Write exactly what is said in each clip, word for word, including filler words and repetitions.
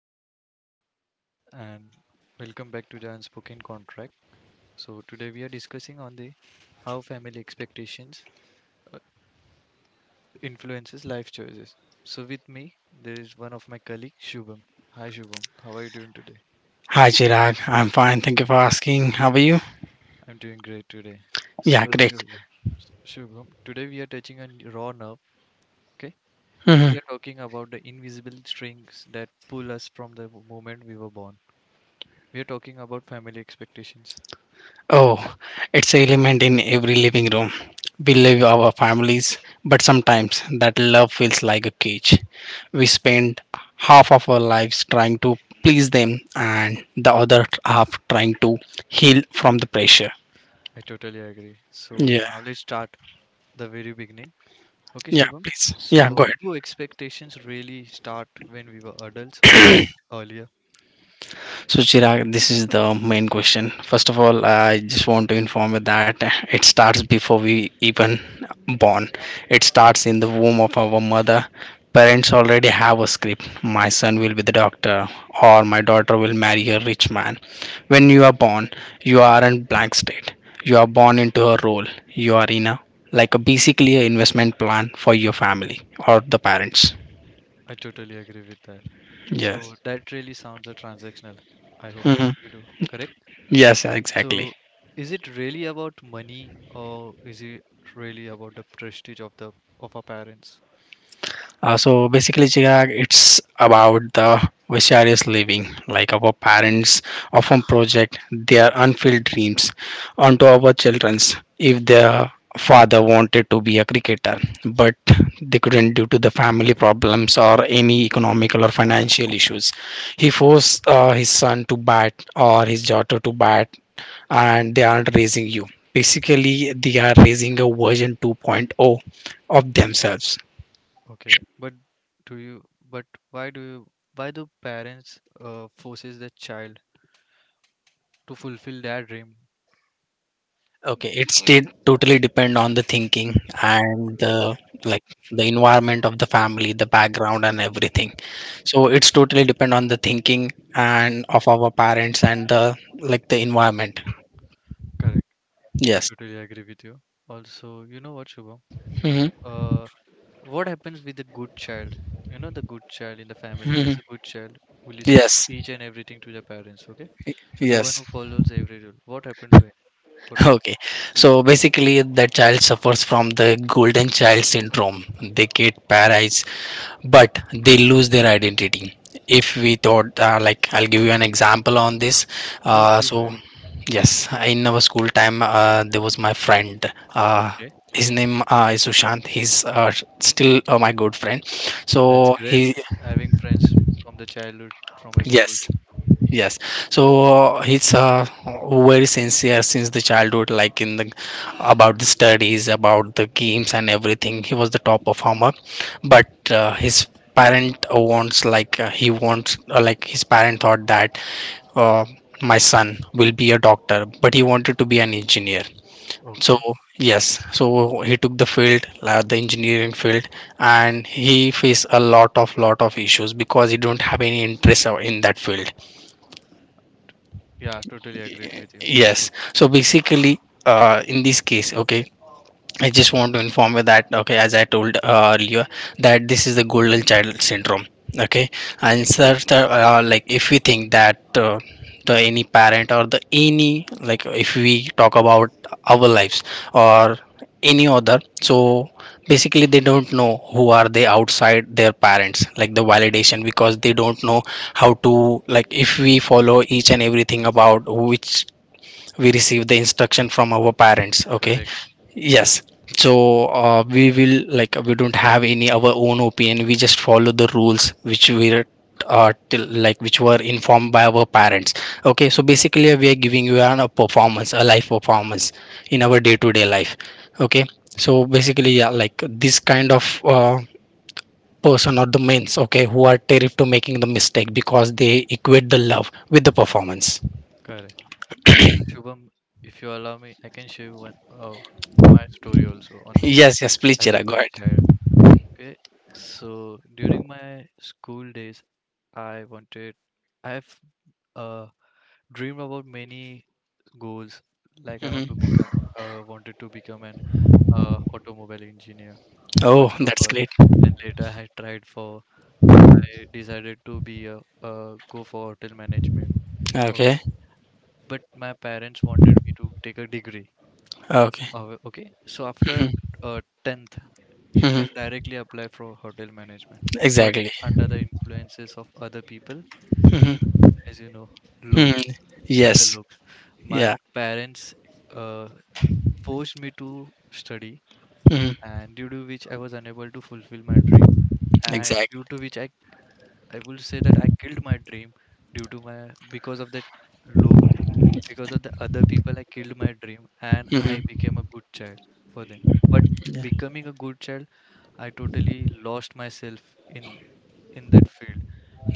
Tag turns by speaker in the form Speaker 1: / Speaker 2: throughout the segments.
Speaker 1: this is Chirag here and welcome back to the Unspoken Contract. So today we are discussing on the how family expectations uh, influences life choices. So with me there is one of my colleague Shubham. Hi Shubham, how are you doing today?
Speaker 2: Hi Chirag, I'm fine. Thank you for asking. How are you?
Speaker 1: I'm doing great today.
Speaker 2: Yeah,
Speaker 1: So
Speaker 2: great.
Speaker 1: Shubham, so Shubham, today we are touching on raw nerve. Okay,
Speaker 2: Hmm.
Speaker 1: we are talking about the invisible strings that pull us from the moment we were born. We are talking about family expectations.
Speaker 2: Oh, it's an element in every living room. We live our families, but sometimes that love feels like a cage. We spend half of our lives trying to please them, and the other half trying to heal from the pressure.
Speaker 1: I totally agree. So
Speaker 2: Yeah,
Speaker 1: now let's start the very beginning. Okay,
Speaker 2: yeah,
Speaker 1: Shubham.
Speaker 2: please. Yeah, go
Speaker 1: So
Speaker 2: ahead.
Speaker 1: do expectations really start when we were adults or is it earlier?
Speaker 2: So, Chirag, this is the main question. First of all, I just want to inform you that it starts before we even born. It starts in the womb of our mother. Parents already have a script. My son will be the doctor, or my daughter will marry a rich man. When you are born, you aren't blank state. You are born into a role. You are in a like a basically a investment plan for your family or the parents.
Speaker 1: I totally agree with that.
Speaker 2: Yes.
Speaker 1: So that really sounds a transactional. I hope
Speaker 2: Hmm.
Speaker 1: you do, correct?
Speaker 2: Yes, yeah, exactly.
Speaker 1: So is it really about money or is it really about the prestige of the of our parents?
Speaker 2: Uh, so basically, Chirag, it's about the vicarious living, like our parents often project their unfulfilled dreams onto our children's. If their father wanted to be a cricketer, but they couldn't due to the family problems or any economical or financial issues, he forced uh, his son to bat or his daughter to bat, and they aren't raising you. Basically, they are raising a version 2.0 of themselves.
Speaker 1: Okay, but do you but why do you why do parents uh, forces the child to fulfill their dream?
Speaker 2: Okay, it's still totally depend on the thinking and the like the environment of the family, the background and everything. So it's totally depend on the thinking and of our parents and the like the environment.
Speaker 1: Correct. I
Speaker 2: Yes.
Speaker 1: totally agree with you. Also, you know what, Shubham?
Speaker 2: Hmm.
Speaker 1: Uh, what happens with the good child? You know, the good child in the family, there
Speaker 2: Hmm.
Speaker 1: is a good child who listens
Speaker 2: Yes.
Speaker 1: to each and everything to the parents, okay? So the one
Speaker 2: Yes.
Speaker 1: who follows every rule. What happened to him? What to do?
Speaker 2: Okay. So basically, that child suffers from the golden child syndrome. They get paralyzed but they lose their identity if we thought uh, like I'll give you an example on this.
Speaker 1: Sure,
Speaker 2: uh,
Speaker 1: please go
Speaker 2: so
Speaker 1: ahead.
Speaker 2: yes, in our school time uh, there was my friend. Uh,
Speaker 1: Okay.
Speaker 2: his name uh, is Sushant. He's uh, still uh, my good friend,
Speaker 1: That's
Speaker 2: so
Speaker 1: great.
Speaker 2: he.
Speaker 1: Having friends from the childhood, from a school.
Speaker 2: Yes. Yes, so uh, he's uh, very sincere since the childhood, like in the about the studies, about the games and everything. He was the top performer, but uh, his parent wants like uh, he wants uh, like his parent thought that uh, my son will be a doctor, but he wanted to be an engineer. So
Speaker 1: Okay.
Speaker 2: yes, so he took the field, uh, the engineering field, and he faced a lot of lot of issues because he don't have any interest uh, in that field.
Speaker 1: Yeah, totally agreed with you.
Speaker 2: Yes. So basically, uh, in this case, okay, I just want to inform you that, okay, as I told uh, earlier, that this is the golden child syndrome. Okay, and sir, the, uh, like if we think that uh, the any parent or the any like if we talk about our lives or any other, so basically they don't know who are they outside their parents, like the validation, because they don't know how to like if we follow each and everything about which we receive the instruction from our parents, okay.
Speaker 1: Correct,
Speaker 2: Yes, so uh, we will like we don't have any our own opinion. We just follow the rules which we are uh, till like which were informed by our parents, okay. So basically we are giving you an, a performance, a life performance in our day-to-day life, okay. So basically yeah, like this kind of uh, person or the men's, okay, who are terrified to making the mistake because they equate the love with the performance.
Speaker 1: correct. This is Shubham, if you allow me, I can share you one uh, my story also on this
Speaker 2: Yes, yes, please,
Speaker 1: as a
Speaker 2: Chira, go
Speaker 1: good child. Okay, so during my school days, I wanted, I've uh, dreamed about many goals. Like I want
Speaker 2: ahead.
Speaker 1: to become, uh, wanted to become an uh, automobile engineer
Speaker 2: Oh,
Speaker 1: first of
Speaker 2: that's
Speaker 1: all.
Speaker 2: great.
Speaker 1: Then later I tried for, I decided to be a uh, go for hotel management.
Speaker 2: Okay.
Speaker 1: Okay, but my parents wanted me to take a degree.
Speaker 2: Okay.
Speaker 1: Uh, okay, so after
Speaker 2: Hmm.
Speaker 1: uh, tenth, you can
Speaker 2: Hmm.
Speaker 1: directly apply for hotel management, but
Speaker 2: Exactly.
Speaker 1: under the influences of other people,
Speaker 2: Hmm.
Speaker 1: as you know, look,
Speaker 2: Hmm.
Speaker 1: other
Speaker 2: Yes.
Speaker 1: looks. My
Speaker 2: Yeah.
Speaker 1: parents uh, forced me to study,
Speaker 2: Hmm.
Speaker 1: and due to which I was unable to fulfill my dream, and
Speaker 2: Exactly.
Speaker 1: due to which I I will say that I killed my dream due to my because of that look, because of the other people, I killed my dream, and I
Speaker 2: Hmm.
Speaker 1: became a good child for them. But
Speaker 2: Yeah.
Speaker 1: becoming a good child I totally lost myself in in that field,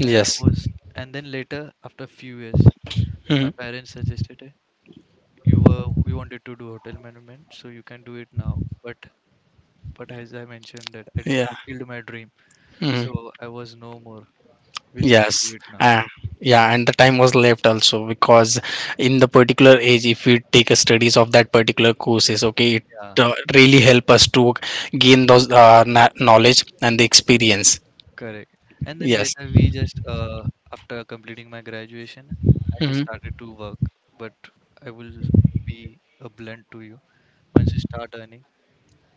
Speaker 1: and I was and then later after a few years
Speaker 2: Hmm.
Speaker 1: my parents suggested, "Eh, you were you wanted to do hotel management, so you can do it now, but but as I mentioned that I d-
Speaker 2: Yeah.
Speaker 1: killed my dream,
Speaker 2: Hmm.
Speaker 1: so I was no more willing to do
Speaker 2: Yes.
Speaker 1: it now."
Speaker 2: Uh, yeah, and the time was left also because in the particular age, if we take a studies of that particular courses, okay, it
Speaker 1: yeah
Speaker 2: uh, really help us to gain those uh, na- knowledge and the experience.
Speaker 1: Correct, and then
Speaker 2: Yes.
Speaker 1: later we just uh, after completing my graduation I just
Speaker 2: Hmm.
Speaker 1: started to work. But I will be a blunt to you: once you start earning,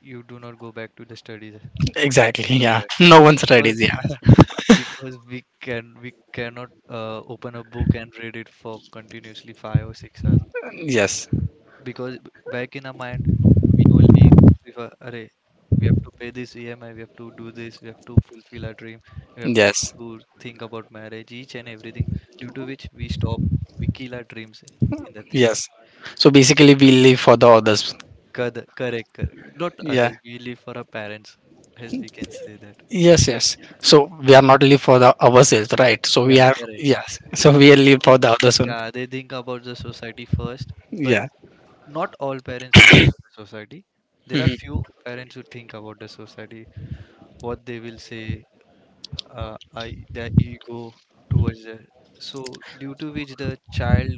Speaker 1: you do not go back to the studies.
Speaker 2: Exactly.
Speaker 1: You know
Speaker 2: Yeah.
Speaker 1: that,
Speaker 2: No one's ready.
Speaker 1: because
Speaker 2: Yeah.
Speaker 1: because we can we cannot uh, open a book and read it for continuously five or six hours,
Speaker 2: Yes.
Speaker 1: because b- back in our mind we only prefer array. We have to pay this E M I, we have to do this, we have to fulfill our dream, we have
Speaker 2: Yes.
Speaker 1: to think about marriage, each and everything, due to which we stop we kill our dreams in that thing.
Speaker 2: Yes. So basically, we live for the others.
Speaker 1: Cor- Correct, correct, not
Speaker 2: Yeah.
Speaker 1: others. We live for our parents, as we can say that.
Speaker 2: Yes, yes. So we are not live for the ourselves, right? So we
Speaker 1: Yeah,
Speaker 2: are
Speaker 1: correct.
Speaker 2: yes. So we are
Speaker 1: They
Speaker 2: live for
Speaker 1: think,
Speaker 2: the others only.
Speaker 1: yeah, they think about the society first, but
Speaker 2: Yeah.
Speaker 1: not all parents think about the society. There are few parents who think about the society, what they will say, uh, I, their ego towards the, so due to which the child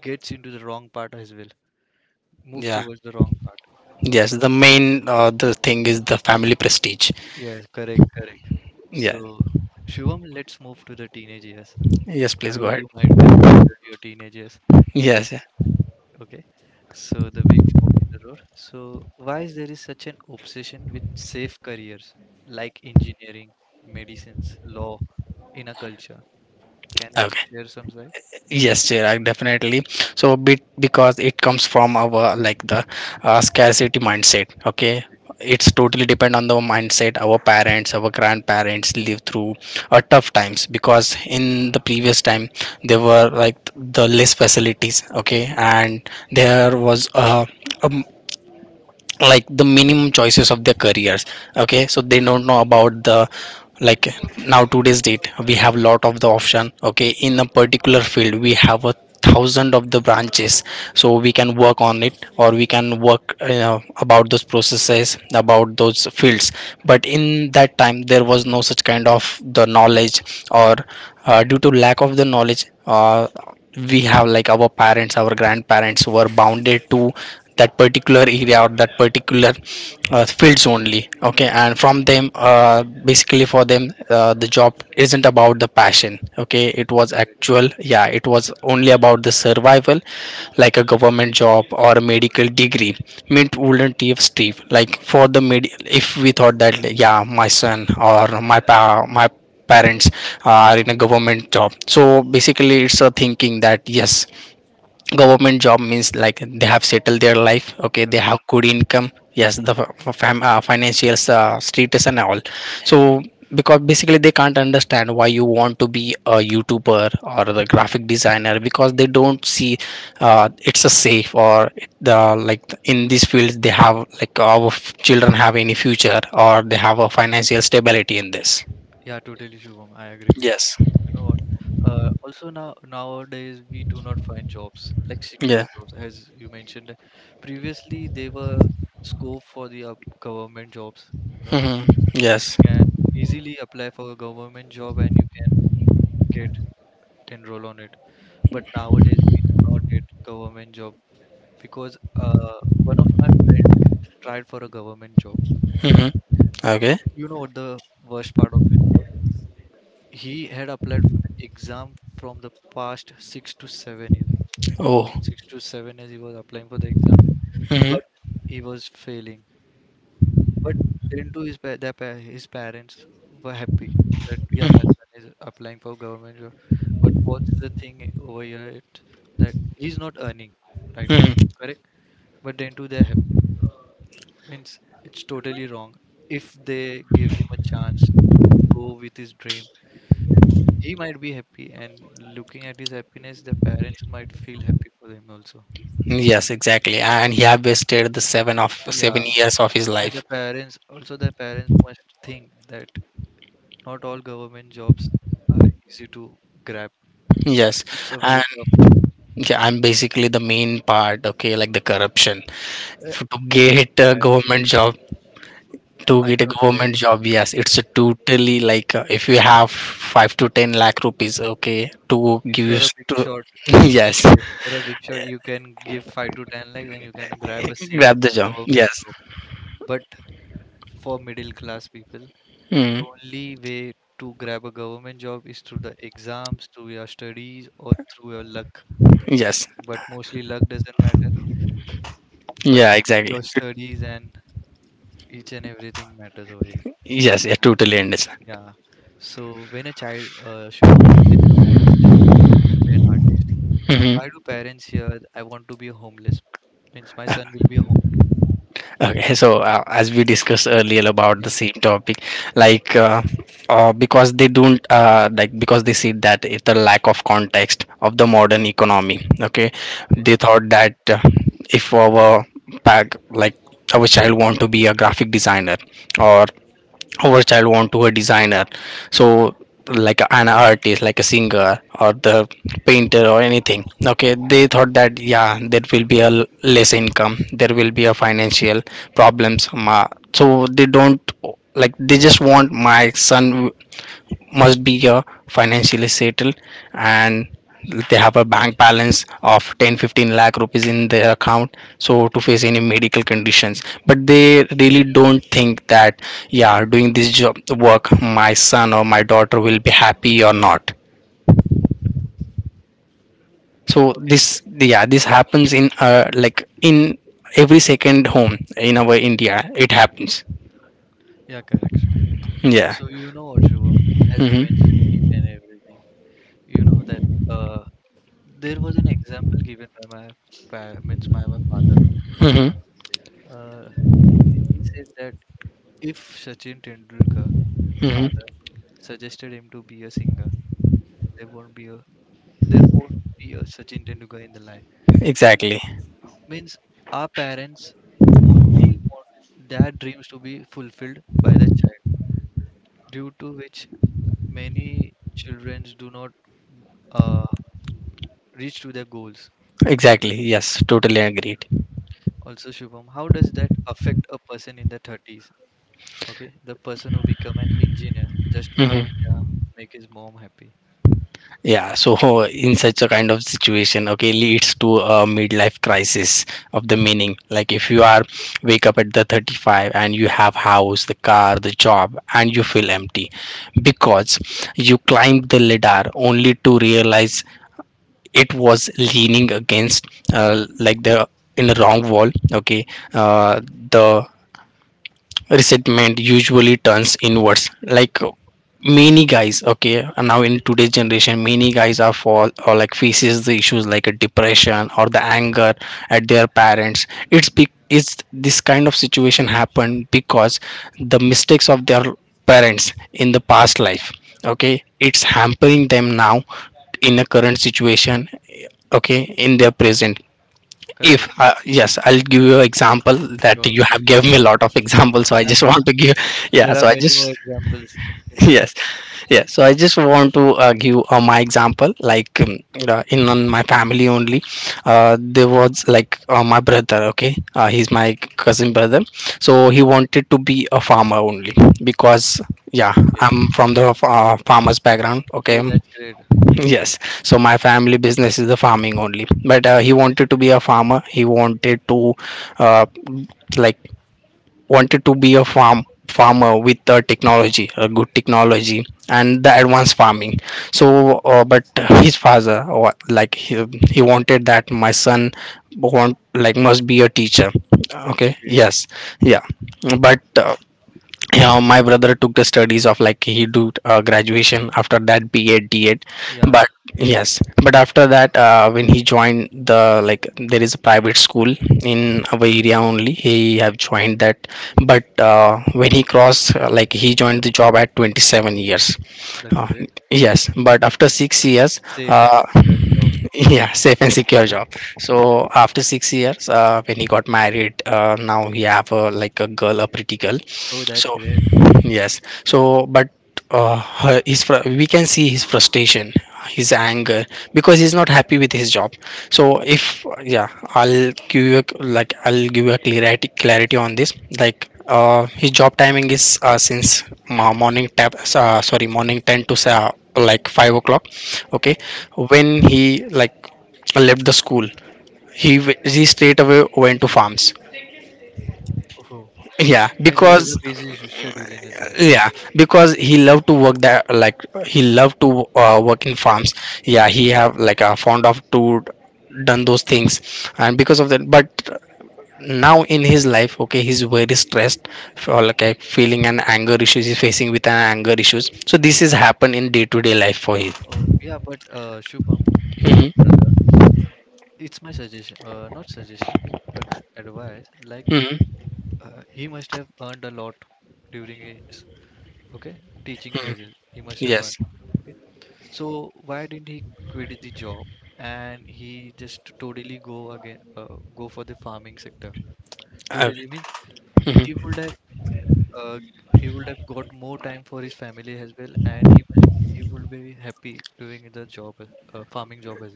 Speaker 1: gets into the wrong part as well, moves
Speaker 2: Yeah.
Speaker 1: towards the wrong part.
Speaker 2: Yes.
Speaker 1: Okay.
Speaker 2: The main uh, the thing is the family prestige.
Speaker 1: Yes, correct, correct.
Speaker 2: Yeah.
Speaker 1: So, Shivam, let's move to the teenage years.
Speaker 2: Yes.
Speaker 1: I
Speaker 2: Please go
Speaker 1: hope
Speaker 2: ahead.
Speaker 1: you might have enjoyed your teenage years.
Speaker 2: Yes. Yeah.
Speaker 1: Okay. So the big fork in the road. So why is there is such an obsession with safe careers like engineering, medicines, law in a culture? Can you
Speaker 2: Okay.
Speaker 1: share some side?
Speaker 2: Yes, Chirag, definitely. So bit because it comes from our like the uh, scarcity mindset, okay. It's totally depend on the mindset. Our parents our grandparents live through uh, tough times because in the previous time there were like the less facilities, okay, and there was uh, a like the minimum choices of their careers, okay. So they don't know about the like now today's date we have lot of the option, okay, in a particular field we have a thousand of the branches, so we can work on it or we can work uh, about those processes, about those fields. But in that time there was no such kind of the knowledge or uh, due to lack of the knowledge, uh, we have like our parents our grandparents were bounded to that particular area or that particular uh, fields only, okay. And from them, uh, basically for them, uh, the job isn't about the passion, okay. It was
Speaker 1: Correct,
Speaker 2: actual yeah, it was only about the survival like a government job or a medical degree meant wouldn't give Steve like for the med if we thought that like, yeah, my son or my pa- my parents are in a government job, so basically it's a thinking that yes, government job means like they have settled their life, okay. They
Speaker 1: correct.
Speaker 2: have good income, yes, the f- fam- uh, financial uh, status and all. So because basically they can't understand why you want to be a youtuber or the graphic designer because they don't see uh, it's a safe or the like in these fields they have like our f- children have any future or they have a financial stability in this.
Speaker 1: Yeah, totally, Shubham. I agree with you.
Speaker 2: Yes.
Speaker 1: You know what? Uh, also, now nowadays we do not find jobs like secure
Speaker 2: Yeah.
Speaker 1: jobs, as you mentioned. That Previously, they were scope for the uh, government jobs. You know,
Speaker 2: Hmm.
Speaker 1: you
Speaker 2: Yes.
Speaker 1: can easily apply for a government job and you can get enroll on it. But nowadays we do not get government job, because uh, one of my friend tried for a government job. Okay,
Speaker 2: Hmm. Okay.
Speaker 1: you know what the worst part of it was? He had applied for the exam from the past six to seven years.
Speaker 2: Oh.
Speaker 1: No, six to seven years he was applying for the exam,
Speaker 2: Hmm.
Speaker 1: but he was failing. But into his pa their pa his parents were happy that yeah, my son is applying for government job. But what's the thing over here it, that he's not earning right now,
Speaker 2: Hmm.
Speaker 1: correct? But then to their happy means it's totally wrong. If they give him a chance to go with his dream, he might be happy. And looking at his happiness, the parents might feel happy for him also.
Speaker 2: Yes, exactly. And he have wasted the seven of seven
Speaker 1: Yeah,
Speaker 2: years of his
Speaker 1: and the
Speaker 2: life.
Speaker 1: parents also the parents must think that not all government jobs are easy to grab.
Speaker 2: Yes,
Speaker 1: It's a very
Speaker 2: and
Speaker 1: tough
Speaker 2: yeah, I'm basically the main part. Okay, like the corruption
Speaker 1: job.
Speaker 2: F- to get a
Speaker 1: I,
Speaker 2: government job. To
Speaker 1: I
Speaker 2: get a
Speaker 1: totally agree.
Speaker 2: government job, yes, it's a totally like uh, if you have five to ten lakh rupees, okay, to give
Speaker 1: If
Speaker 2: you
Speaker 1: you're a
Speaker 2: s-
Speaker 1: big
Speaker 2: to
Speaker 1: shot, I have to
Speaker 2: yes,
Speaker 1: say, if you're a big shot, you can give five to ten lakhs and you can grab a seat
Speaker 2: grab the
Speaker 1: in
Speaker 2: job.
Speaker 1: government
Speaker 2: Yes,
Speaker 1: job. But for middle class people, the
Speaker 2: mm,
Speaker 1: only way to grab a government job is through the exams, through your studies, or through your luck.
Speaker 2: yes,
Speaker 1: But mostly luck doesn't matter, but
Speaker 2: yeah, exactly.
Speaker 1: your studies and each and everything matters over here.
Speaker 2: Yes, yeah, totally understand.
Speaker 1: Yeah. So when a child, uh, Shubham, so when a child says that I want to be an artist, why
Speaker 2: Mm-hmm.
Speaker 1: do parents hear I want to be a homeless? Means my son will be a home.
Speaker 2: Okay, so uh, as we discussed earlier about the
Speaker 1: Yeah.
Speaker 2: same topic, like uh, uh, because they don't uh, like because they see that it, the lack of context of the modern economy. Okay,
Speaker 1: Okay.
Speaker 2: they thought that uh, if our pack like our child want to be a graphic designer or our child want to a designer, so like a- an artist like a singer or the painter or anything, okay. They thought that yeah, there will be a l- less income, there will be a financial problems ma-, so they don't like they just want my son must be uh, financially settled, and they have a bank balance of ten fifteen lakh rupees in their account so to face any medical conditions, but they really don't think that yeah doing this job work my son or my daughter will be happy or not. So
Speaker 1: Okay.
Speaker 2: this yeah this happens in uh, like in every second home in our
Speaker 1: Correct.
Speaker 2: India it happens.
Speaker 1: Yeah. Correct. Shubham.
Speaker 2: Yeah.
Speaker 1: So you know what, Shubham, as you mentioned
Speaker 2: Mm-hmm.
Speaker 1: each and everything, you know that uh, there was an example given by my pa- means my, my father. Okay.
Speaker 2: Mm-hmm.
Speaker 1: Uh, he said that if Sachin Tendulkar father
Speaker 2: Mm-hmm.
Speaker 1: suggested him to be a singer, there won't be a there won't be a Sachin Tendulkar in the life. Means
Speaker 2: Exactly.
Speaker 1: Means our parents only want their dreams to be fulfilled by the child, due to which many children do not uh, reach to their goals.
Speaker 2: Exactly, yes, totally agreed.
Speaker 1: Also, Shubham, how does that affect a person in the thirties? Okay, the person who become an engineer just to make
Speaker 2: Hmm.
Speaker 1: their, make his mom happy.
Speaker 2: Yeah, so in such a kind of situation, okay, leads to a midlife crisis of the meaning. Like if you are wake up at the thirty-five and you have house, the car, the job, and you feel empty because you climbed the ladder only to realize it was leaning against uh, like the in the wrong wall. Okay, uh, the resentment usually turns inwards like many guys, okay, and now in today's generation many guys are fall or like faces the issues like a depression or the anger at their parents. It's be it's this kind of situation happened because the mistakes of their parents in the past life, okay, it's hampering them now in a current situation, okay, in their present. If
Speaker 1: Correct,
Speaker 2: uh, yes, I'll give you example that
Speaker 1: sure.
Speaker 2: you have given me a lot of examples so I
Speaker 1: Yeah,
Speaker 2: just
Speaker 1: yeah.
Speaker 2: want to give. Yeah,
Speaker 1: There are
Speaker 2: so I
Speaker 1: many
Speaker 2: just
Speaker 1: more examples in the
Speaker 2: yes,
Speaker 1: life.
Speaker 2: yeah, so I just want to uh, give uh, my example like um, uh, in on my family only. Uh, there was like uh, my brother, okay, uh, he's my cousin brother. So he wanted to be a farmer only because yeah,
Speaker 1: Okay.
Speaker 2: I'm from the uh, farmers background, okay.
Speaker 1: Oh, that's great.
Speaker 2: Yes. So my family business is the farming only. But uh, he wanted to be a farmer. He wanted to, uh, like, wanted to be a farm farmer with a technology, a good technology, and the advanced farming. So, uh, but his father, uh, wa- like, he, he wanted that my son want like must be a teacher. Okay.
Speaker 1: Okay.
Speaker 2: Yes. Yeah. But uh, Yeah, my brother took the studies of like he do uh, graduation after that B Ed D Ed,
Speaker 1: Yeah.
Speaker 2: but yes, but after that uh, when he joined the like there is a private school in
Speaker 1: Okay.
Speaker 2: our area only he have joined that, but uh, when he crossed uh, like he joined the job at twenty-seven years.
Speaker 1: That's
Speaker 2: uh,
Speaker 1: great.
Speaker 2: yes, but after six years,
Speaker 1: Safe and
Speaker 2: uh,
Speaker 1: secure job.
Speaker 2: yeah, safe and secure job. So after six years, uh, when he got married, uh, now he have a, like a girl, a pretty girl.
Speaker 1: Oh, that's
Speaker 2: So
Speaker 1: great.
Speaker 2: yes so but uh, her- his fr- We can see his frustration, his anger, because he's not happy with his job. So if yeah I'll give you a, like I'll give you a clarity clarity on this. Like uh, his job timing is uh, since mo- morning tap uh, sorry morning ten to seven, like five o'clock, okay.
Speaker 1: Okay.
Speaker 2: When he like left the school, he w- he straight away went to farms,
Speaker 1: Oh,
Speaker 2: yeah.
Speaker 1: means he has
Speaker 2: because
Speaker 1: a busy sch- schedule in his life.
Speaker 2: yeah because he loved to work there, like he loved to uh, work in
Speaker 1: Yes.
Speaker 2: farms. Yeah, he have like a fond of to done those things, and because of that. But now in his life, okay, he's very stressed for like a feeling and anger issues. He's facing with an anger issues, so this is happen in day-to-day life for him.
Speaker 1: Oh, yeah, but uh, Shubham, if your
Speaker 2: Hmm.
Speaker 1: brother, it's my suggestion, uh, not suggestion, but advice. Like,
Speaker 2: Hmm.
Speaker 1: uh, he must have earned a lot during his okay teaching phases. He must have earned.
Speaker 2: Yes.
Speaker 1: Okay, so why didn't he quit the job and he just totally go again, uh, go for the farming sector?
Speaker 2: Uh,
Speaker 1: Totally means he would
Speaker 2: Mhm.
Speaker 1: have. uh, he would have got more time for his family as well, and he must he would be happy doing the job, uh, farming job as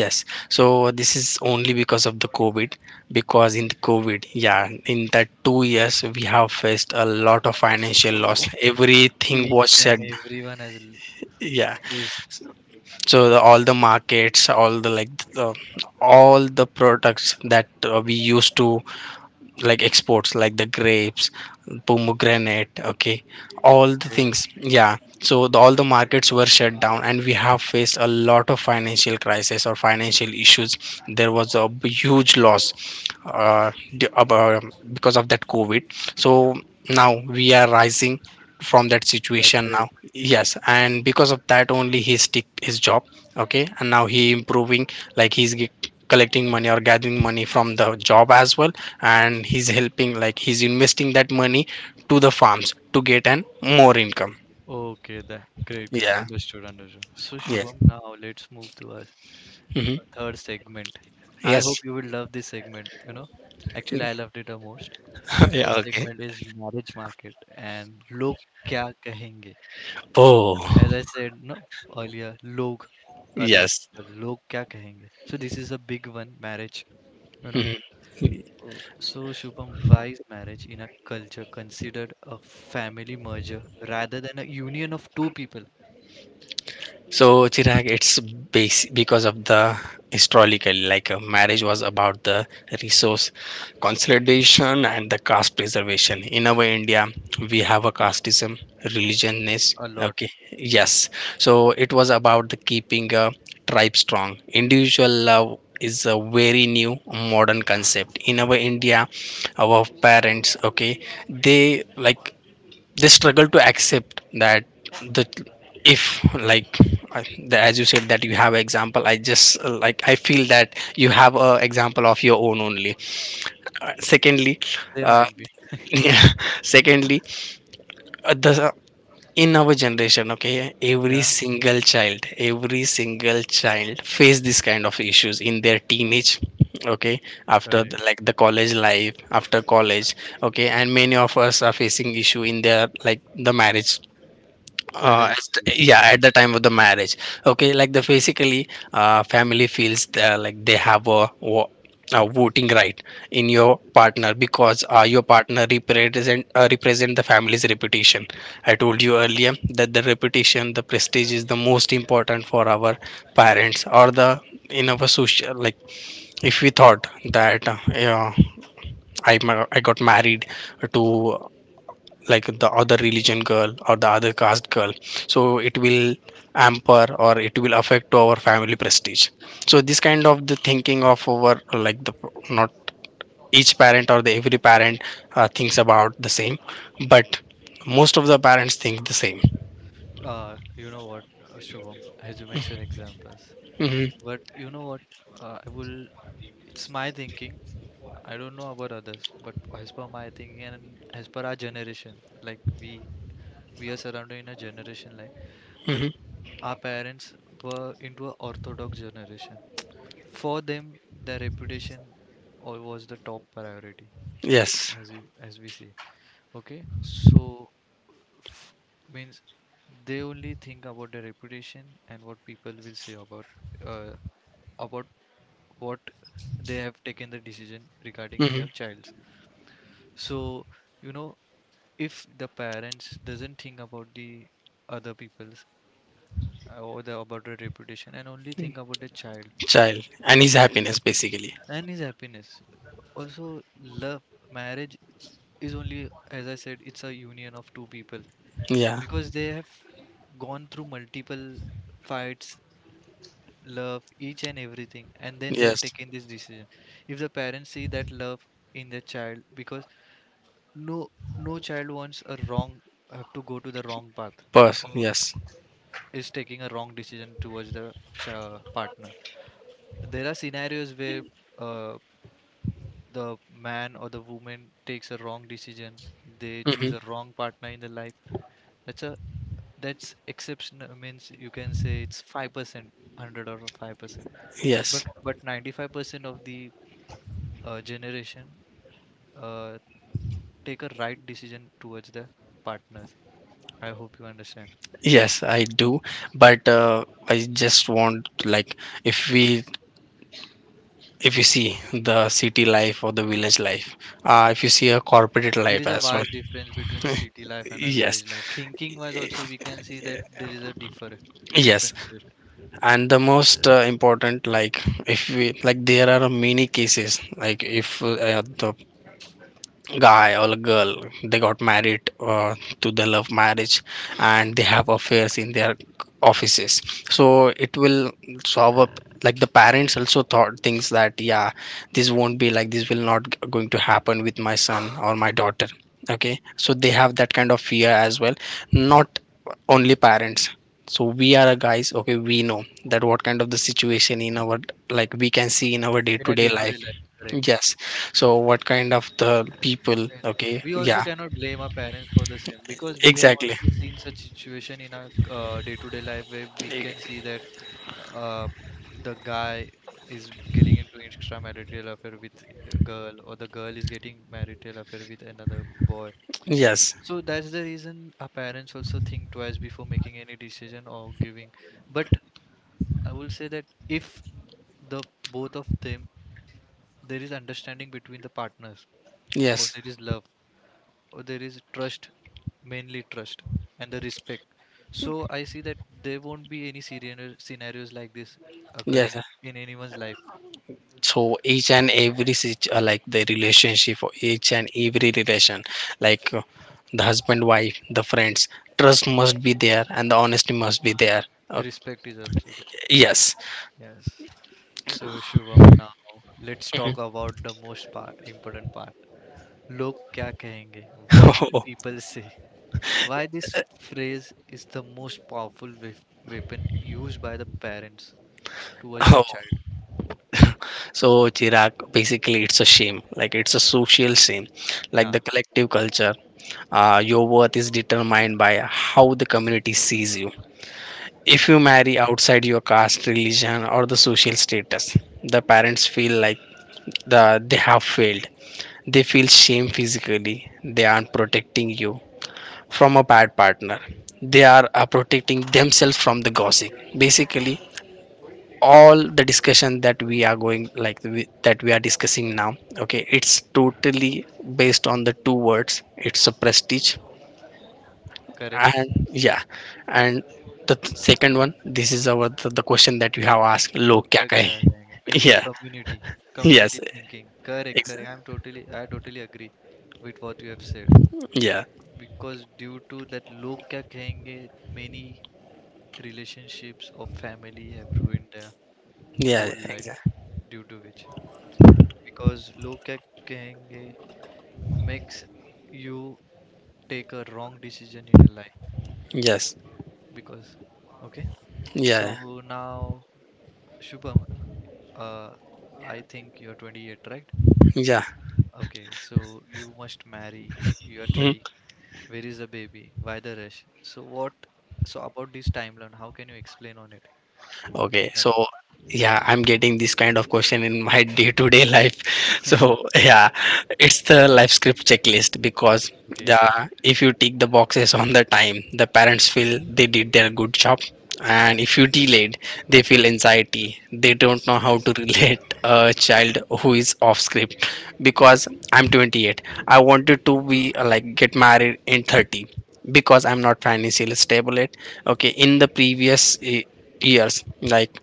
Speaker 2: Yes. So this is only because of the COVID. Because in the COVID, yeah, in that two years, we have faced a lot of financial loss.
Speaker 1: well.
Speaker 2: Everything was
Speaker 1: Each
Speaker 2: shut.
Speaker 1: and everyone has l-
Speaker 2: Yeah.
Speaker 1: is
Speaker 2: So the, all the markets, all the like, the, all the products that uh, we used to like exports, like the grapes, pomegranate, okay, all the
Speaker 1: okay.
Speaker 2: things, yeah. So the, all the markets were shut down and we have faced a lot of financial crisis or financial issues. There was a b- huge loss uh, d- ab- uh, because of that COVID. So now we are rising from that
Speaker 1: That's
Speaker 2: situation now,
Speaker 1: great.
Speaker 2: yes, and because of that only he stick his job. Okay, and now he improving, like he's g- collecting money or gathering money from the job as well, and he's helping, like he's investing that money to the farms to get an more income.
Speaker 1: Okay, that great, great.
Speaker 2: Yeah.
Speaker 1: Understood, understood. So
Speaker 2: Yeah.
Speaker 1: Shubham, now let's move to our
Speaker 2: Hmm.
Speaker 1: third segment. I hope
Speaker 2: Yes.
Speaker 1: you will love this segment. You know, actually, I loved it the most. The third
Speaker 2: Yeah, okay.
Speaker 1: segment is marriage market and log क्या कहेंगे. As
Speaker 2: Oh.
Speaker 1: I said no earlier, log other
Speaker 2: Yes.
Speaker 1: people, log क्या कहेंगे? So this is a big one, marriage. You know. Uh, So Shubham, why is marriage in a culture considered a family merger rather than a union of two people?
Speaker 2: So Chirag, it's base because of the historical, like uh, marriage was about the resource consolidation and the caste preservation. In our India, we have a casteism, religiousness.
Speaker 1: A lot.
Speaker 2: Okay, yes. So it was about the keeping a tribe strong. Individual love is a very new modern concept in our India. Our parents, okay, they like they struggle to accept that the if like I- the, as you said that you have example, I just uh, like I feel that you have a example of your own only. Secondly,
Speaker 1: They
Speaker 2: uh,
Speaker 1: might be.
Speaker 2: yeah, secondly, uh, the in our generation, okay, every
Speaker 1: Yeah,
Speaker 2: single child every single child face this kind of issues in their teenage, okay, after
Speaker 1: correct.
Speaker 2: the, like the college life, after college, okay, and many of us are facing issue in their like the marriage,
Speaker 1: Marriage
Speaker 2: uh, as
Speaker 1: itself.
Speaker 2: t- yeah,
Speaker 1: Yeah.
Speaker 2: at the time of the marriage, okay. like the basically uh, Family feels the, like they have a, wo- a voting right in your partner, because uh, your partner represent uh, represent the family's reputation. I told you earlier that the reputation, the prestige is the most important for our parents, or the in our social like. If we thought that uh, yeah, I, ma- I got married to like the other religion girl or the other caste girl, so it will hamper or it will affect to our family prestige. So this kind of the thinking of our like the not each parent or the every parent uh, thinks about the same, but most of the parents think the same.
Speaker 1: Uh, you know what, uh, Shubham, as you mentioned examples,
Speaker 2: Hmm.
Speaker 1: but you know what, uh, I will. It's my thinking. I don't know about others, but as per my thinking and as per our generation, like we we are surrounded in a generation like the
Speaker 2: Hmm.
Speaker 1: our parents were into a orthodox generation. For them, their reputation al- was the top priority,
Speaker 2: Yes.
Speaker 1: as we, as we say. Okay, so f- means they only think about their reputation and what people will say about uh, about what they have taken the decision regarding
Speaker 2: Hmm.
Speaker 1: their childs. So you know if the parents doesn't think about the other people or the about their reputation and only think about the child,
Speaker 2: Child and his
Speaker 1: the,
Speaker 2: happiness basically.
Speaker 1: and his happiness. Also, love marriage is only, as I said, it's a union of two people
Speaker 2: Yeah.
Speaker 1: because they have gone through multiple fights, love, each and everything, and then they have
Speaker 2: Yes.
Speaker 1: taken this decision. If the parents see that love in their child, because no no child wants a wrong have to go to the wrong path
Speaker 2: Pers,
Speaker 1: or
Speaker 2: yes.
Speaker 1: is taking a wrong decision towards the ch- partner. There are scenarios where uh, the man or the woman takes a wrong decision. They choose
Speaker 2: Hmm.
Speaker 1: a wrong partner in their life. That's a that's exceptional, means you can say it's five percent, hundred or five percent. but
Speaker 2: Yes.
Speaker 1: but ninety-five percent of the uh, generation uh, take a right decision towards their partners. I hope you understand.
Speaker 2: Yes, I do, but uh, I just want like, if we, if you see the city life or the village life, uh, if you see a corporate
Speaker 1: There
Speaker 2: life
Speaker 1: is a
Speaker 2: as well.
Speaker 1: vast difference between the city life and a
Speaker 2: Yes,
Speaker 1: village life, thinking wise also we can see that there is a differ
Speaker 2: yes,
Speaker 1: difference here
Speaker 2: and the most uh, important, like if we like, there are many cases, like if uh, the guy or a girl, they got married, uh, to the love marriage, and they have affairs in their offices, so it will solve up, like the parents also thought things that yeah, this won't be like this will not g- going to happen with my son or my daughter, okay, so they have that kind of fear as well, not only parents. So we are a guys, okay, we know that what kind of the situation in our like, we can see in our day
Speaker 1: in
Speaker 2: to
Speaker 1: a
Speaker 2: day
Speaker 1: day-to-day
Speaker 2: life.
Speaker 1: life, correct.
Speaker 2: Yes. So what kind of the people?
Speaker 1: Yes.
Speaker 2: Okay.
Speaker 1: We also
Speaker 2: Yeah.
Speaker 1: cannot blame our parents for the same because we have
Speaker 2: Exactly.
Speaker 1: also seen such situation in our uh, day-to-day life, where we can see that uh, the guy is getting into extramarital affair with a girl or the girl is getting marital affair with another boy.
Speaker 2: Yes.
Speaker 1: So that's the reason our parents also think twice before making any decision or giving. But I will say that, if the both of them, there is understanding between the partners, or
Speaker 2: Yes.
Speaker 1: there is love, or there is trust, mainly trust, and the respect. So I see that there won't be any scenario, scenarios like this
Speaker 2: Yes.
Speaker 1: occurring in anyone's life.
Speaker 2: So each and every situ- uh, like the relationship or each and every relation, like uh, the husband wife, the friends, trust must be there, and the honesty must be there. Uh,
Speaker 1: Respect is also there.
Speaker 2: yes.
Speaker 1: Yes. So, Shubham, now let's talk about the most pa- important part. Log kya kahenge? What will
Speaker 2: Oh.
Speaker 1: people say? Why this phrase is the most powerful wef- weapon used by the parents towards the
Speaker 2: Oh.
Speaker 1: child?
Speaker 2: So Chirag, basically it's a shame, like it's a social shame, like
Speaker 1: Yeah,
Speaker 2: the collective culture. Uh, your worth is determined by how the community sees you. If you marry outside your caste, religion, or the social status, the parents feel like the, they have failed. They feel shame physically. They aren't protecting you from a bad partner. They are uh, protecting themselves from the gossip. Basically, all the discussion that we are going, like we- that we are discussing now, okay, it's totally based on the two words. It's a prestige
Speaker 1: correct.
Speaker 2: and yeah, and the th- second one, this is our the, the question that you have asked, lo
Speaker 1: Log
Speaker 2: kya
Speaker 1: kya
Speaker 2: kahe.
Speaker 1: kahenge means the
Speaker 2: Yeah.
Speaker 1: community,
Speaker 2: Yes.
Speaker 1: community thinking. Correct,
Speaker 2: exa-
Speaker 1: correct. I'm totally, I totally agree with what you have said,
Speaker 2: yeah.
Speaker 1: because due to that log kya kahenge, many relationships of family have ruined their
Speaker 2: Yeah,
Speaker 1: whole life,
Speaker 2: exactly.
Speaker 1: due to which, because log kya kahenge makes you take a wrong decision in your life,
Speaker 2: Yes.
Speaker 1: because okay.
Speaker 2: Yeah.
Speaker 1: So now, Shubham, uh, I think you're twenty-eight, right?
Speaker 2: Yeah.
Speaker 1: Okay, so you must marry. You are
Speaker 2: Hmm.
Speaker 1: thirty. Where is the baby? Why the rush? So what? So about this timeline, how can you explain on it
Speaker 2: Okay, so
Speaker 1: regarding?
Speaker 2: yeah, I'm getting this kind of question in my day-to-day life. So yeah, it's the life script checklist. Because
Speaker 1: Okay,
Speaker 2: yeah, if you tick the boxes on the time, the parents feel they did their good job. And if you delayed, they feel anxiety. They don't know how
Speaker 1: yes.
Speaker 2: to relate a child who is off script. Because I'm twenty-eight, I wanted to be uh, like get married in thirty, because I'm not financially stable yet, okay. In the previous eh, years, like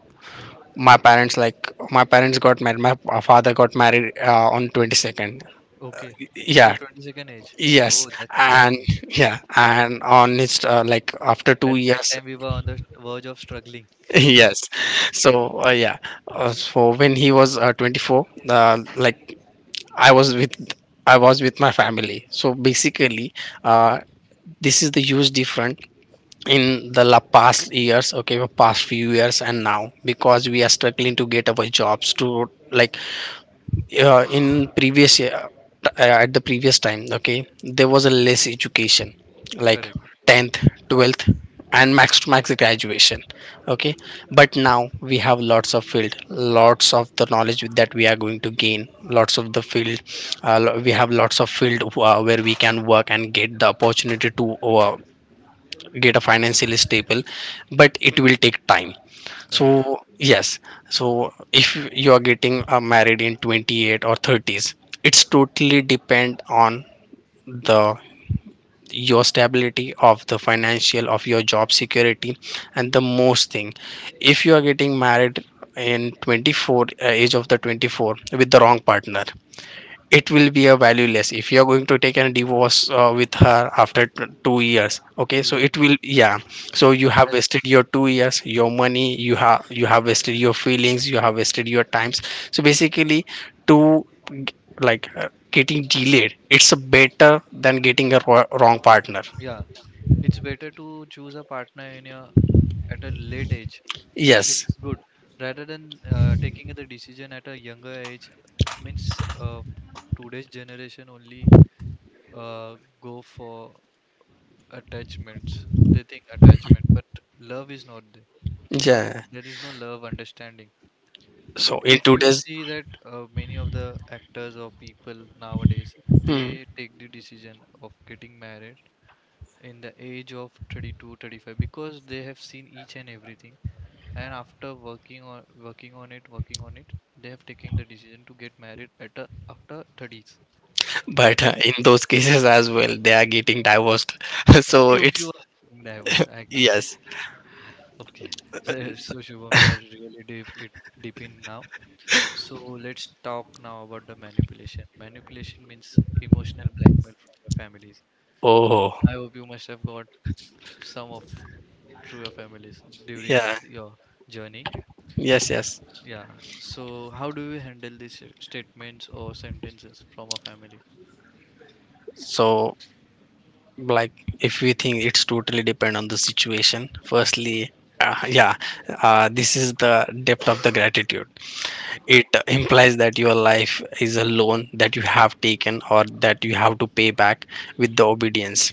Speaker 2: my parents like my parents got married, my uh, father got married uh, on twenty-second.
Speaker 1: Okay, in the
Speaker 2: Yeah.
Speaker 1: twenty-second age.
Speaker 2: Yes,
Speaker 1: Oh, that's great.
Speaker 2: and yeah, and on his uh, like after
Speaker 1: At
Speaker 2: two
Speaker 1: that
Speaker 2: years,
Speaker 1: time, we were on the verge of struggling.
Speaker 2: yes. So uh, yeah, uh, so when he was uh, twenty-four, uh, like i was with I was with my family. So basically, uh, this is the huge difference in the la- past years, okay, past few years, and now, because we are struggling to get our jobs to like, yeah, in previous year, t- uh, at the previous time, okay, there was a less education, like
Speaker 1: Correct,
Speaker 2: tenth, twelfth, and max to max graduation, okay. But now we have lots of field, lots of the knowledge that we are going to gain, lots of the field, uh, lo- we have lots of field uh, where we can work and get the opportunity to uh, get a financially stable, but it will take time.
Speaker 1: correct.
Speaker 2: So yes, so if you are getting uh, married in twenty-eight or thirties, it's totally depend on the your stability of the financial, of your job security. And the most thing, if you are getting married in twenty-four, uh, age of the twenty-four, with the wrong partner, it will be a valueless. If you're going to take a divorce uh, with her after t- two years, okay,
Speaker 1: True,
Speaker 2: so
Speaker 1: yes.
Speaker 2: it will yeah. So you
Speaker 1: Um,
Speaker 2: have
Speaker 1: That's
Speaker 2: wasted your two years, your money, you have, you have wasted your feelings, you have wasted your times. So basically, to g- like uh, getting delayed, it's a better than getting a wro- wrong partner.
Speaker 1: yeah. It's better to choose a partner in your at a late age, it's
Speaker 2: Yes.
Speaker 1: good rather than uh, taking the decision at a younger age. Means uh, today's generation only uh, go for attachments. They think attachment, but love is not there, not,
Speaker 2: Yeah.
Speaker 1: there is no love, understanding.
Speaker 2: So
Speaker 1: But
Speaker 2: in
Speaker 1: if you
Speaker 2: today's.
Speaker 1: see that uh, many of the actors or people nowadays,
Speaker 2: Hmm.
Speaker 1: they take the decision of getting married in the age of thirty two, thirty five, because they have seen each and everything, and after working on working on it working on it, they have taken the decision to get married at a, after thirties. So
Speaker 2: But uh,
Speaker 1: that's
Speaker 2: in those cases as well, they are getting divorced,
Speaker 1: a
Speaker 2: so
Speaker 1: few few
Speaker 2: it's.
Speaker 1: thing that I was, I.
Speaker 2: Yes.
Speaker 1: Okay. so, so Shubham, we are really deep it deep in now. So let's talk now about the manipulation manipulation means emotional blackmail from the families.
Speaker 2: Oh.
Speaker 1: I hope you must have got some of through your families during your,
Speaker 2: Yeah.
Speaker 1: your journey.
Speaker 2: Yes, yes.
Speaker 1: Yeah. So how do you handle these statements or sentences from a family?
Speaker 2: So, like, if we think, it's totally depend on the situation, firstly, uh, yeah, uh, this is the depth of the gratitude.
Speaker 1: Yeah,
Speaker 2: It implies that your life is a loan that you have taken or that you have to pay back with the obedience,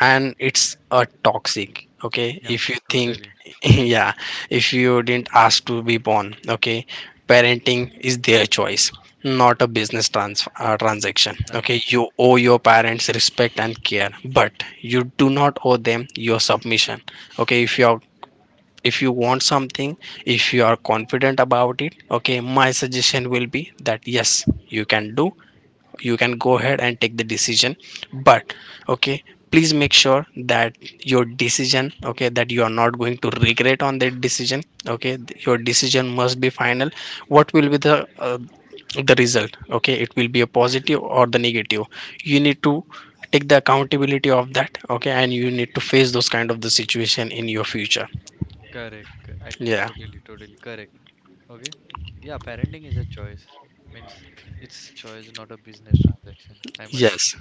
Speaker 2: and it's a toxic, okay,
Speaker 1: yeah,
Speaker 2: if you think.
Speaker 1: totally.
Speaker 2: Yeah, if you didn't ask to be born, okay, parenting is their choice, not a business trans- uh, transaction. Okay,
Speaker 1: Transaction.
Speaker 2: you owe your parents respect and care, but you do not owe them your submission. Okay, if your, if you want something, if you are confident about it, okay, my suggestion will be that yes, you can do, you can go ahead and take the decision. But okay, please make sure that your decision, okay, that you are not going to regret on that decision. Okay, your decision must be final. What will be the uh, the result? Okay, it will be a positive or the negative. You need to take the accountability of that, okay, and you need to face those kind of the situation in your future.
Speaker 1: Correct. co- I
Speaker 2: Yeah.
Speaker 1: totally, totally correct. Okay. Yeah, parenting is a choice. Means it's choice, not a business transaction, I must say.
Speaker 2: Yes,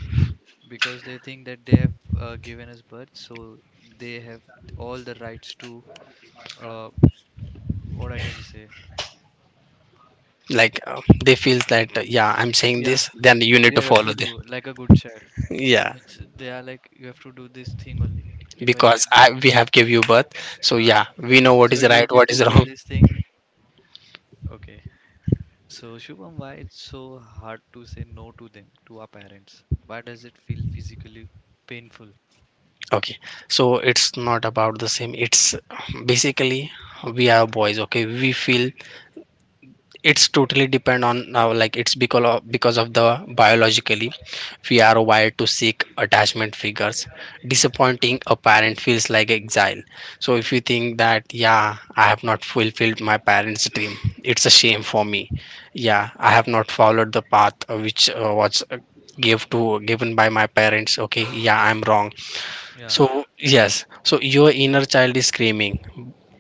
Speaker 1: Because they think that they have uh, given us birth, so they have all the rights to, uh, what I can say.
Speaker 2: like uh, they feel that uh, yeah, I'm saying
Speaker 1: Yeah,
Speaker 2: this, then you need
Speaker 1: you
Speaker 2: to
Speaker 1: have
Speaker 2: follow
Speaker 1: to
Speaker 2: them.
Speaker 1: do like a good child.
Speaker 2: Yeah,
Speaker 1: Means they are like, you have to do this thing only. If I said
Speaker 2: because I
Speaker 1: this,
Speaker 2: we have give you birth, so
Speaker 1: uh,
Speaker 2: yeah, we know
Speaker 1: it's
Speaker 2: what is
Speaker 1: your
Speaker 2: right,
Speaker 1: duty
Speaker 2: what
Speaker 1: to
Speaker 2: is
Speaker 1: do
Speaker 2: wrong.
Speaker 1: this thing. Okay. So, Shubham, why it's so hard to say no to them, to our parents? Why does it feel physically painful?
Speaker 2: Okay, so it's not about the same. It's uh, Basically we are boys. Okay, we feel it's totally depend on now, like it's because of because of the biologically we are wired to seek attachment figures. Disappointing a parent feels like exile. So if you think that yeah, I have not fulfilled my parents dream, it's a shame for me. Yeah, I have not followed the path uh, which uh, was uh, give to given by my parents. Okay, yeah, I'm wrong.
Speaker 1: Yeah.
Speaker 2: So, yes, so your inner child is screaming,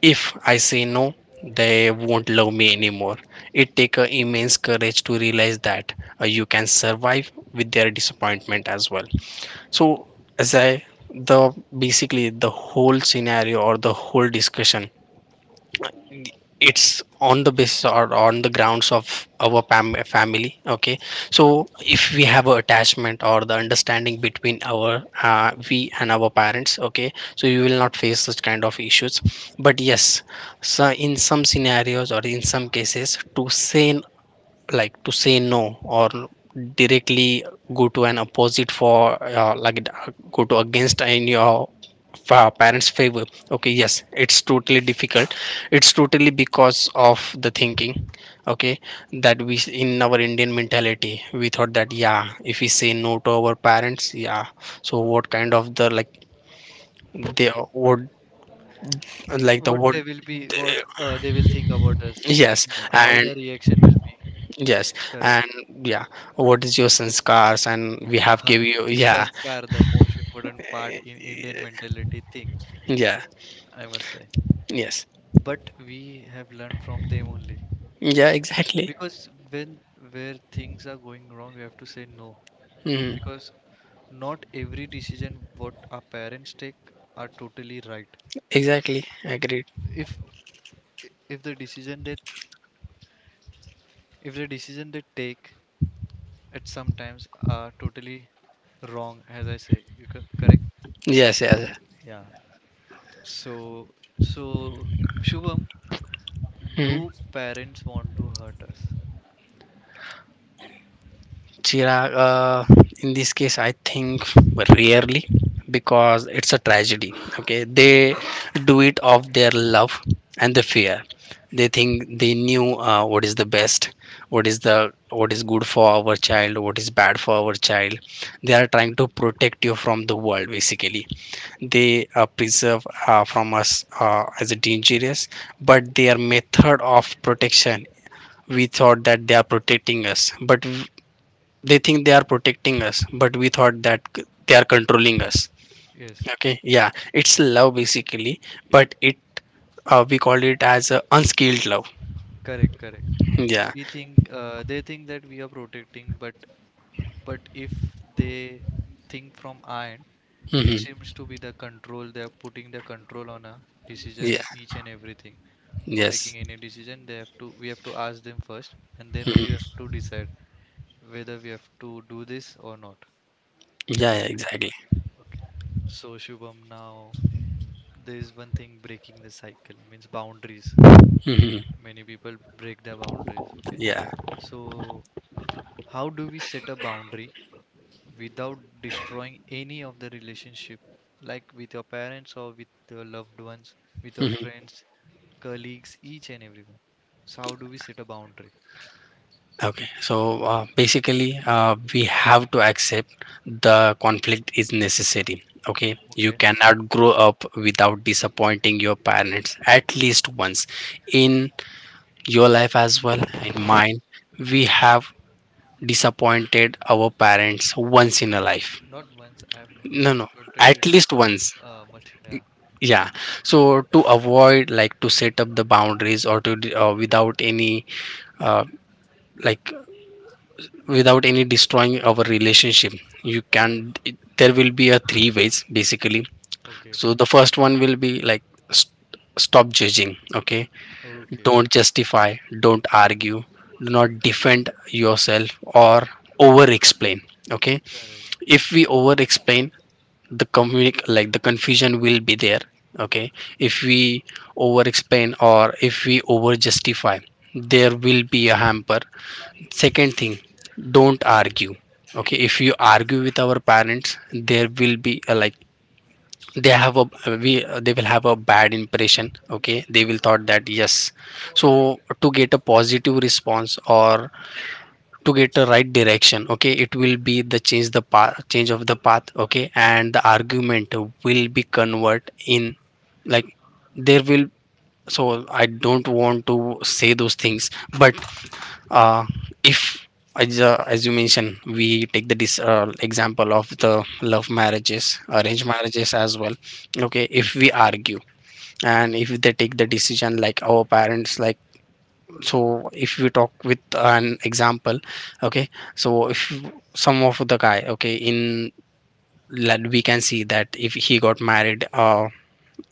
Speaker 2: if I say no, they won't love me anymore. It takes a immense courage to realize that uh, you can survive with their disappointment as well. So, as I the basically the whole scenario or the whole discussion, it's on the basis or on the grounds of our fam- family. Okay, so if we have a attachment or the understanding between our uh, we and our parents, okay, so you will not face such kind of issues. But yes, so in some scenarios or in some cases, to say n- like to say no, or directly go to an opposite for uh, like uh, go to against in your fa- parents favor, okay, yes, it's totally difficult. It's totally because of the thinking, okay, that we, in our indian mentality, we thought that yeah, if we say no to our parents, yeah, so what kind of the, like they would, like the
Speaker 1: What
Speaker 2: what.
Speaker 1: they will be, what uh, they will think about us, uh,
Speaker 2: Yes.
Speaker 1: means uh, how
Speaker 2: And
Speaker 1: their reaction will be.
Speaker 2: yes.
Speaker 1: Correct.
Speaker 2: And yeah, what is your sanskars and we have give you, yeah.
Speaker 1: Sanskar, the most important part in Indian mentality thing,
Speaker 2: Yeah.
Speaker 1: I must say.
Speaker 2: Yes.
Speaker 1: But we have learned from them only.
Speaker 2: Yeah, exactly.
Speaker 1: Because when where things are going wrong, we have to say no.
Speaker 2: Hmm.
Speaker 1: Because not every decision what our parents take are totally right.
Speaker 2: Exactly. Agreed.
Speaker 1: If if the decision that if the decision they take at sometimes are totally wrong, as I say, you co- correct.
Speaker 2: Yes, yes.
Speaker 1: So so, Shubham,
Speaker 2: Mm-hmm.
Speaker 1: do parents want to hurt us?
Speaker 2: Chirag, uh, in this case, I think rarely, because it's a tragedy. Okay, they do it of their love and the fear. They think they knew uh, what is the best, what is the, what is good for our child, what is bad for our child. They are trying to protect you from the world. Basically, they uh, preserve uh, from us uh, as a dangerous, but their method of protection, we thought that they are protecting us, but they think they are protecting us, but we thought that c- they are controlling us.
Speaker 1: Yes,
Speaker 2: Okay, yeah, it's love basically, but it, uh, we call it as a unskilled love.
Speaker 1: correct, correct. And
Speaker 2: Yeah.
Speaker 1: we think uh, they think that we are protecting, but but if they think from our end, it
Speaker 2: Hmm.
Speaker 1: seems to be the control. They are putting the control on a decision
Speaker 2: Yeah.
Speaker 1: and each and everything. Before
Speaker 2: Yes.
Speaker 1: taking any decision, they have to we have to ask them first, and then only we
Speaker 2: Hmm.
Speaker 1: have to decide whether we have to do this or not.
Speaker 2: Yeah, yeah
Speaker 1: That's
Speaker 2: exactly.
Speaker 1: correct. Okay. So, Shubham, now there is one thing, breaking the cycle, means boundaries.
Speaker 2: Hmm.
Speaker 1: Many people break their boundaries, okay.
Speaker 2: Yeah.
Speaker 1: So how do we set a boundary without destroying any of the relationship, like with your parents, or with your loved ones, with your
Speaker 2: Hmm.
Speaker 1: friends, colleagues, each and everyone? So how do we set a boundary?
Speaker 2: Okay, so uh, basically uh, we have to accept the conflict is necessary. Okay, you
Speaker 1: Okay.
Speaker 2: cannot grow up without disappointing your parents at least once in your life as well, and mine, we have disappointed our parents once in a life.
Speaker 1: Not once I have
Speaker 2: No no,
Speaker 1: disappointed the
Speaker 2: at least
Speaker 1: multi.
Speaker 2: once.
Speaker 1: Uh, multi. Yeah.
Speaker 2: Yeah, so to avoid, like to set up the boundaries, or to d- uh, without any uh, like without any destroying our relationship, you can, it- there will be a three ways basically.
Speaker 1: Okay.
Speaker 2: So the first one will be like st- stop judging. Okay,
Speaker 1: Okay.
Speaker 2: don't justify, don't argue, do not defend yourself or over explain. Okay,
Speaker 1: Correct.
Speaker 2: if we over explain, the communi- like the confusion will be there. Okay, if we over explain or if we over justify, there will be a hamper. Second thing, don't argue. Okay, if you argue with our parents, there will be a, like they have a, we they will have a bad impression. Okay, they will thought that yes, so to get a positive response or to get a right direction, okay, it will be the change the path, change of the path, okay, and the argument will be convert in, like there will, so I don't want to say those things, but uh, if, as, uh, as you mentioned, we take the dis- uh, example of the love marriages, arranged
Speaker 1: Correct.
Speaker 2: marriages as well. Okay, if we argue, and if they take the decision, like our parents, like, so if we talk with an example, okay, so if some of the guy, okay, in, like we can see that if he got married uh,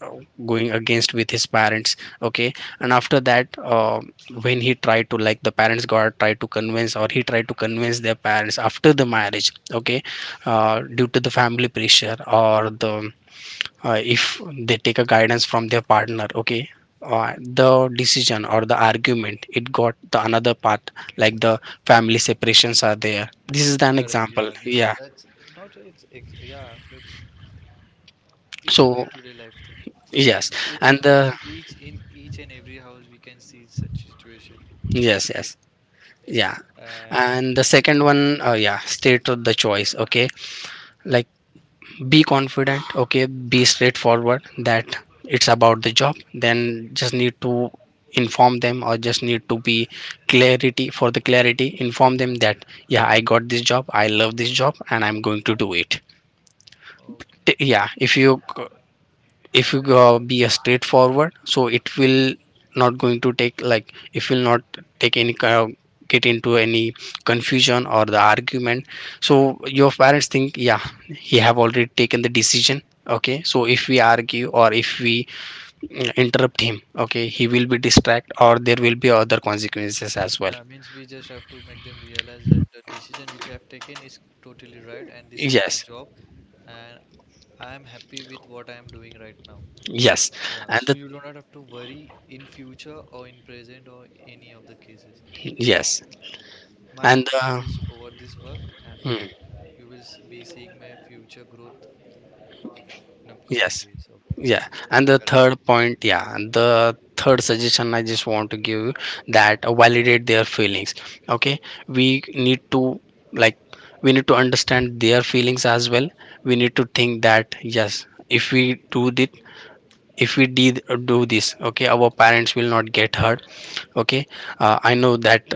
Speaker 2: uh, going against with his parents, okay, and after that uh, when he tried to, like the parents got tried to convince, or he tried to convince their parents after the marriage, okay, uh, due to the family pressure or the uh, if they take a guidance from their partner, okay, uh, the decision or the argument, it got the another part, like the family separations are there, this is an
Speaker 1: Correct.
Speaker 2: example,
Speaker 1: Yeah. This.
Speaker 2: yeah.
Speaker 1: That's not. It's. Ex yeah. It's. It's a
Speaker 2: So
Speaker 1: day-to-day life thing.
Speaker 2: yes.
Speaker 1: It's
Speaker 2: And the,
Speaker 1: happening each in each and every house. We can see such situation
Speaker 2: yes
Speaker 1: occurring.
Speaker 2: yes. Yeah,
Speaker 1: And
Speaker 2: and the second one, uh, yeah, state of the choice. Okay, like be confident, okay, be straightforward that it's about the job, then just need to inform them, or just need to be clarity, for the clarity inform them that yeah, I got this job, I love this job, and I'm going to do it.
Speaker 1: okay.
Speaker 2: T- yeah, if you, if you go uh, be a straightforward, so it will not going to take, like if will not take any kind of, get into any confusion or the argument, so your parents think yeah, he have already taken the decision. Okay, so if we argue or if we mm, interrupt him, okay, he will be distract, or there will be other consequences as well.
Speaker 1: Yeah. Means we just have to make them realize that the decision which I have taken is totally right, and this is my
Speaker 2: Yes,
Speaker 1: job, and I am happy with what I am doing right now.
Speaker 2: yes.
Speaker 1: Yeah,
Speaker 2: And
Speaker 1: so
Speaker 2: the
Speaker 1: you do not have to worry in future or in present or any of the cases.
Speaker 2: yes.
Speaker 1: Y- My
Speaker 2: And
Speaker 1: happiness
Speaker 2: the
Speaker 1: is over this work, and
Speaker 2: hmm,
Speaker 1: you will s- be seeing my future growth in upcoming
Speaker 2: yes.
Speaker 1: days. Okay,
Speaker 2: Yeah, and the
Speaker 1: correct,
Speaker 2: third point, yeah, and the third suggestion I just want to give you, that uh, validate their feelings. Okay, we need to, like we need to understand their feelings as well. We need to think that yes, if we do this, if we did uh, do this, okay, our parents will not get hurt. Okay, uh, I know that,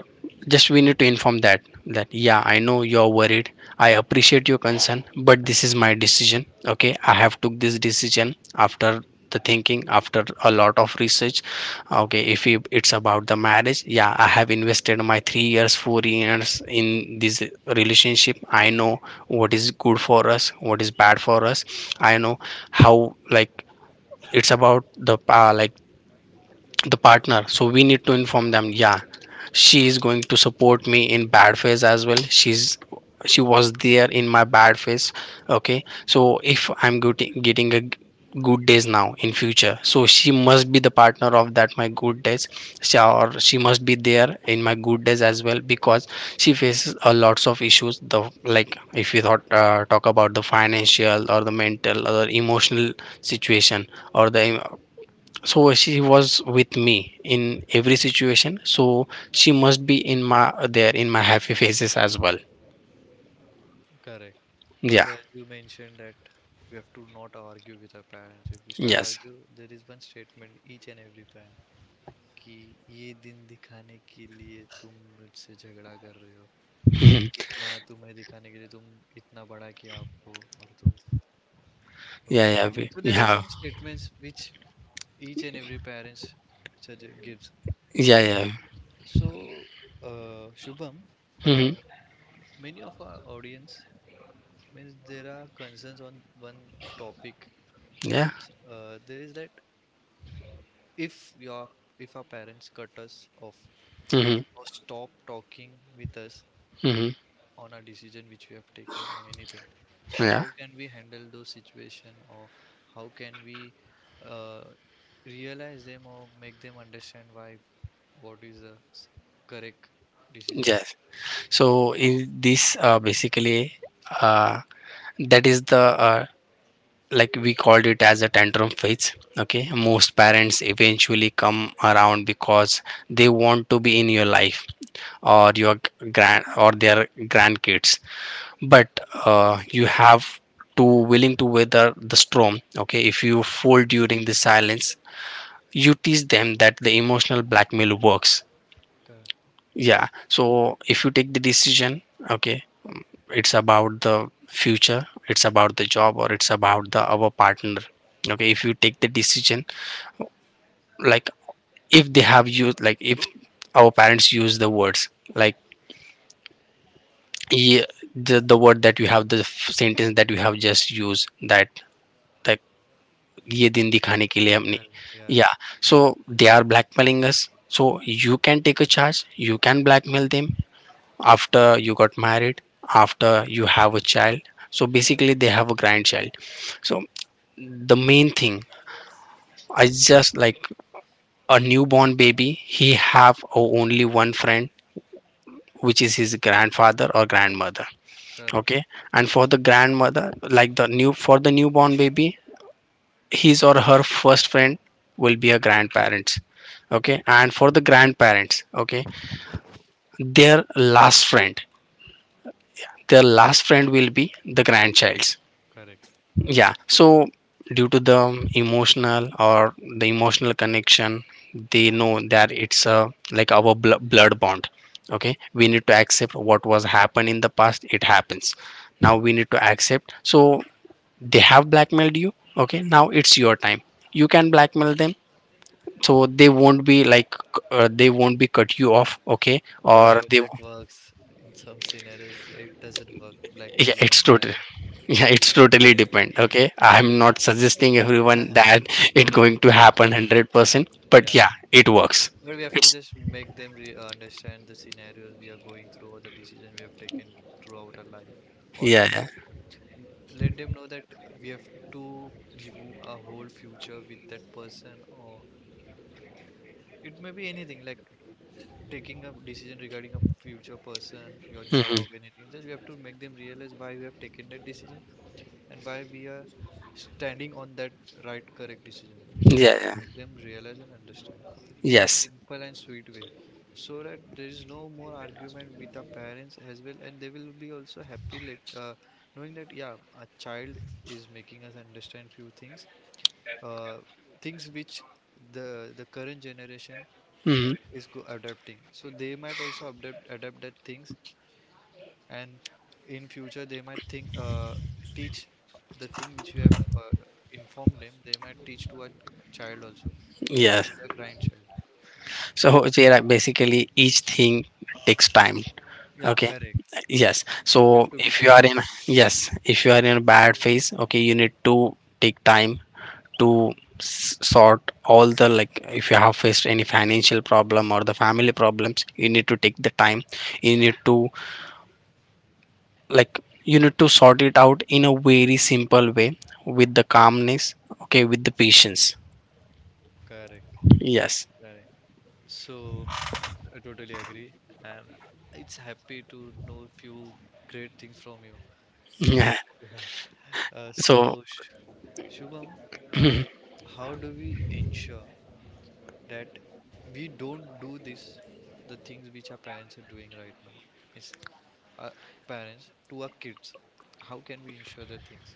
Speaker 2: just we need to inform that, that yeah, I know you're worried, I appreciate your concern, but this is my decision. Okay, I have took this decision after the thinking, after a lot of research. Okay, if it- it's about the marriage, yeah, I have invested my three years, four years in this relationship, I know what is good for us, what is bad for us, I know how, like it's about the uh, like the partner, so we need to inform them yeah, she is going to support me in bad phase as well, she's, she was there in my bad phase. Okay, so if I'm getting getting a g- good days now in future, so she must be the partner of that my good days. She, or she must be there in my good days as well, because she faces a lots of issues, the, like if you thought uh, talk about the financial or the mental or emotional situation or the, so she was with me in every situation, so she must be in my, there in my happy faces as well.
Speaker 1: correct.
Speaker 2: Yeah.
Speaker 1: Also, as you mentioned, that we have to not argue with our parents. If we start
Speaker 2: Yes.
Speaker 1: argue, there is one statement each and every parent कि ये दिन दिखाने के लिए तुम मुझसे झगड़ा कर रहे हो, इतना तुम्हें दिखाने के लिए तुम, इतना बड़ा किया आपको और तुम.
Speaker 2: Yeah.
Speaker 1: Okay.
Speaker 2: Yeah we,
Speaker 1: So there are
Speaker 2: yeah.
Speaker 1: some statements which each and every parents suggest gives.
Speaker 2: Yeah.
Speaker 1: Okay.
Speaker 2: Yeah.
Speaker 1: So, uh, Shubham, uh,
Speaker 2: Mm-hmm.
Speaker 1: many of our audience, means there are concerns on one topic.
Speaker 2: Yeah.
Speaker 1: Means uh, there is that, if your if our parents cut us off
Speaker 2: Mm-hmm.
Speaker 1: or stop talking with us
Speaker 2: Mm-hmm.
Speaker 1: on a decision which we have taken or anything, so
Speaker 2: Yeah.
Speaker 1: how can we handle those situation, or how can we uh, realize them, or make them understand why, what is the s- correct decision.
Speaker 2: Yes, so in this, uh, basically uh, that is the uh, like we called it as a tantrum phase. Okay, most parents eventually come around, because they want to be in your life, or your grand, or their grandkids. But uh, you have to willing to weather the storm. Okay, if you fold during the silence, you teach them that the emotional blackmail works.
Speaker 1: Cor-
Speaker 2: Yeah, so if you take the decision, okay, it's about the future, it's about the job, or it's about the our partner. Okay, if you take the decision, like if they have used, like if our parents use the words, like ye, the, the word that you have the f- sentence that you have just used, that like ye din dikhane ke liye humne,
Speaker 1: Correct, yeah,
Speaker 2: yeah, so they are blackmailing us, so you can take a charge, you can blackmail them after you got married, after you have a child, so basically they have a grandchild. So the main thing, I just, like a newborn baby, he have o- only one friend, which is his grandfather or grandmother.
Speaker 1: correct,
Speaker 2: Okay, and for the grandmother, like the new, for the newborn baby, his or her first friend will be a grandparents. Okay, and for the grandparents, okay, their last friend, their last friend will be the grandchild.
Speaker 1: correct.
Speaker 2: Yeah, so due to the emotional, or the emotional connection, they know that it's a, like our bl- blood bond. Okay, we need to accept what was happened in the past, it happens, now we need to accept. So they have blackmailed you, okay, now it's your time, you can blackmail them, so they won't be like, uh, they won't be cut you off, okay,
Speaker 1: But I
Speaker 2: or
Speaker 1: hope
Speaker 2: they.
Speaker 1: that works. In some scenarios it doesn't work,
Speaker 2: Yeah,
Speaker 1: blackmailing a
Speaker 2: it's total,
Speaker 1: parents.
Speaker 2: yeah, it's totally depend, okay, I'm not suggesting everyone that it going to happen one hundred percent, but
Speaker 1: Yeah,
Speaker 2: yeah it works.
Speaker 1: but we have to
Speaker 2: It's
Speaker 1: just make them re- uh, understand the scenarios we are going through, or the decision we have taken throughout our life, or
Speaker 2: yeah. Yeah.
Speaker 1: m- let them know that we have to remove our whole future with that person, or it may be anything, like taking a decision regarding a future person, your
Speaker 2: Hmm.
Speaker 1: job, anything. Just we have to make them realize why we have taken that decision, and why we are standing on that right correct decision. We just
Speaker 2: Yeah.
Speaker 1: have to
Speaker 2: Yeah.
Speaker 1: make them realize and understand in a
Speaker 2: Yes.
Speaker 1: simple and sweet way, so that there is no more argument with our parents as well, and they will be also happy, let, uh, knowing that yeah, a child is making us understand few things, uh, things which the the current generation
Speaker 2: Hmm.
Speaker 1: is go adapting, so they might also adapt adapt that things, and in future they might think, uh, teach the thing which we have uh, informed them, they might teach to a child also, means
Speaker 2: Yeah.
Speaker 1: to their grandchild.
Speaker 2: So yeah, basically each thing takes time.
Speaker 1: Yeah,
Speaker 2: Okay.
Speaker 1: correct.
Speaker 2: Yes,
Speaker 1: We have
Speaker 2: so
Speaker 1: to be
Speaker 2: if you are
Speaker 1: patient.
Speaker 2: in, yes If you are in a bad phase, okay, you need to take time to s- sort all the, like, if you have faced any financial problem or the family problems, you need to take the time. You need to, like, you need to sort it out in a very simple way, with the calmness. Okay, with the patience.
Speaker 1: Correct,
Speaker 2: Yes.
Speaker 1: correct. So I totally agree, and it's happy to know few great things from you. Means
Speaker 2: Yeah.
Speaker 1: yeah. Uh, so,
Speaker 2: So
Speaker 1: Sh- Shubham, uh, how do we ensure that we don't do this, the things which our parents are doing right now? It's our parents to our kids. How can we ensure the things?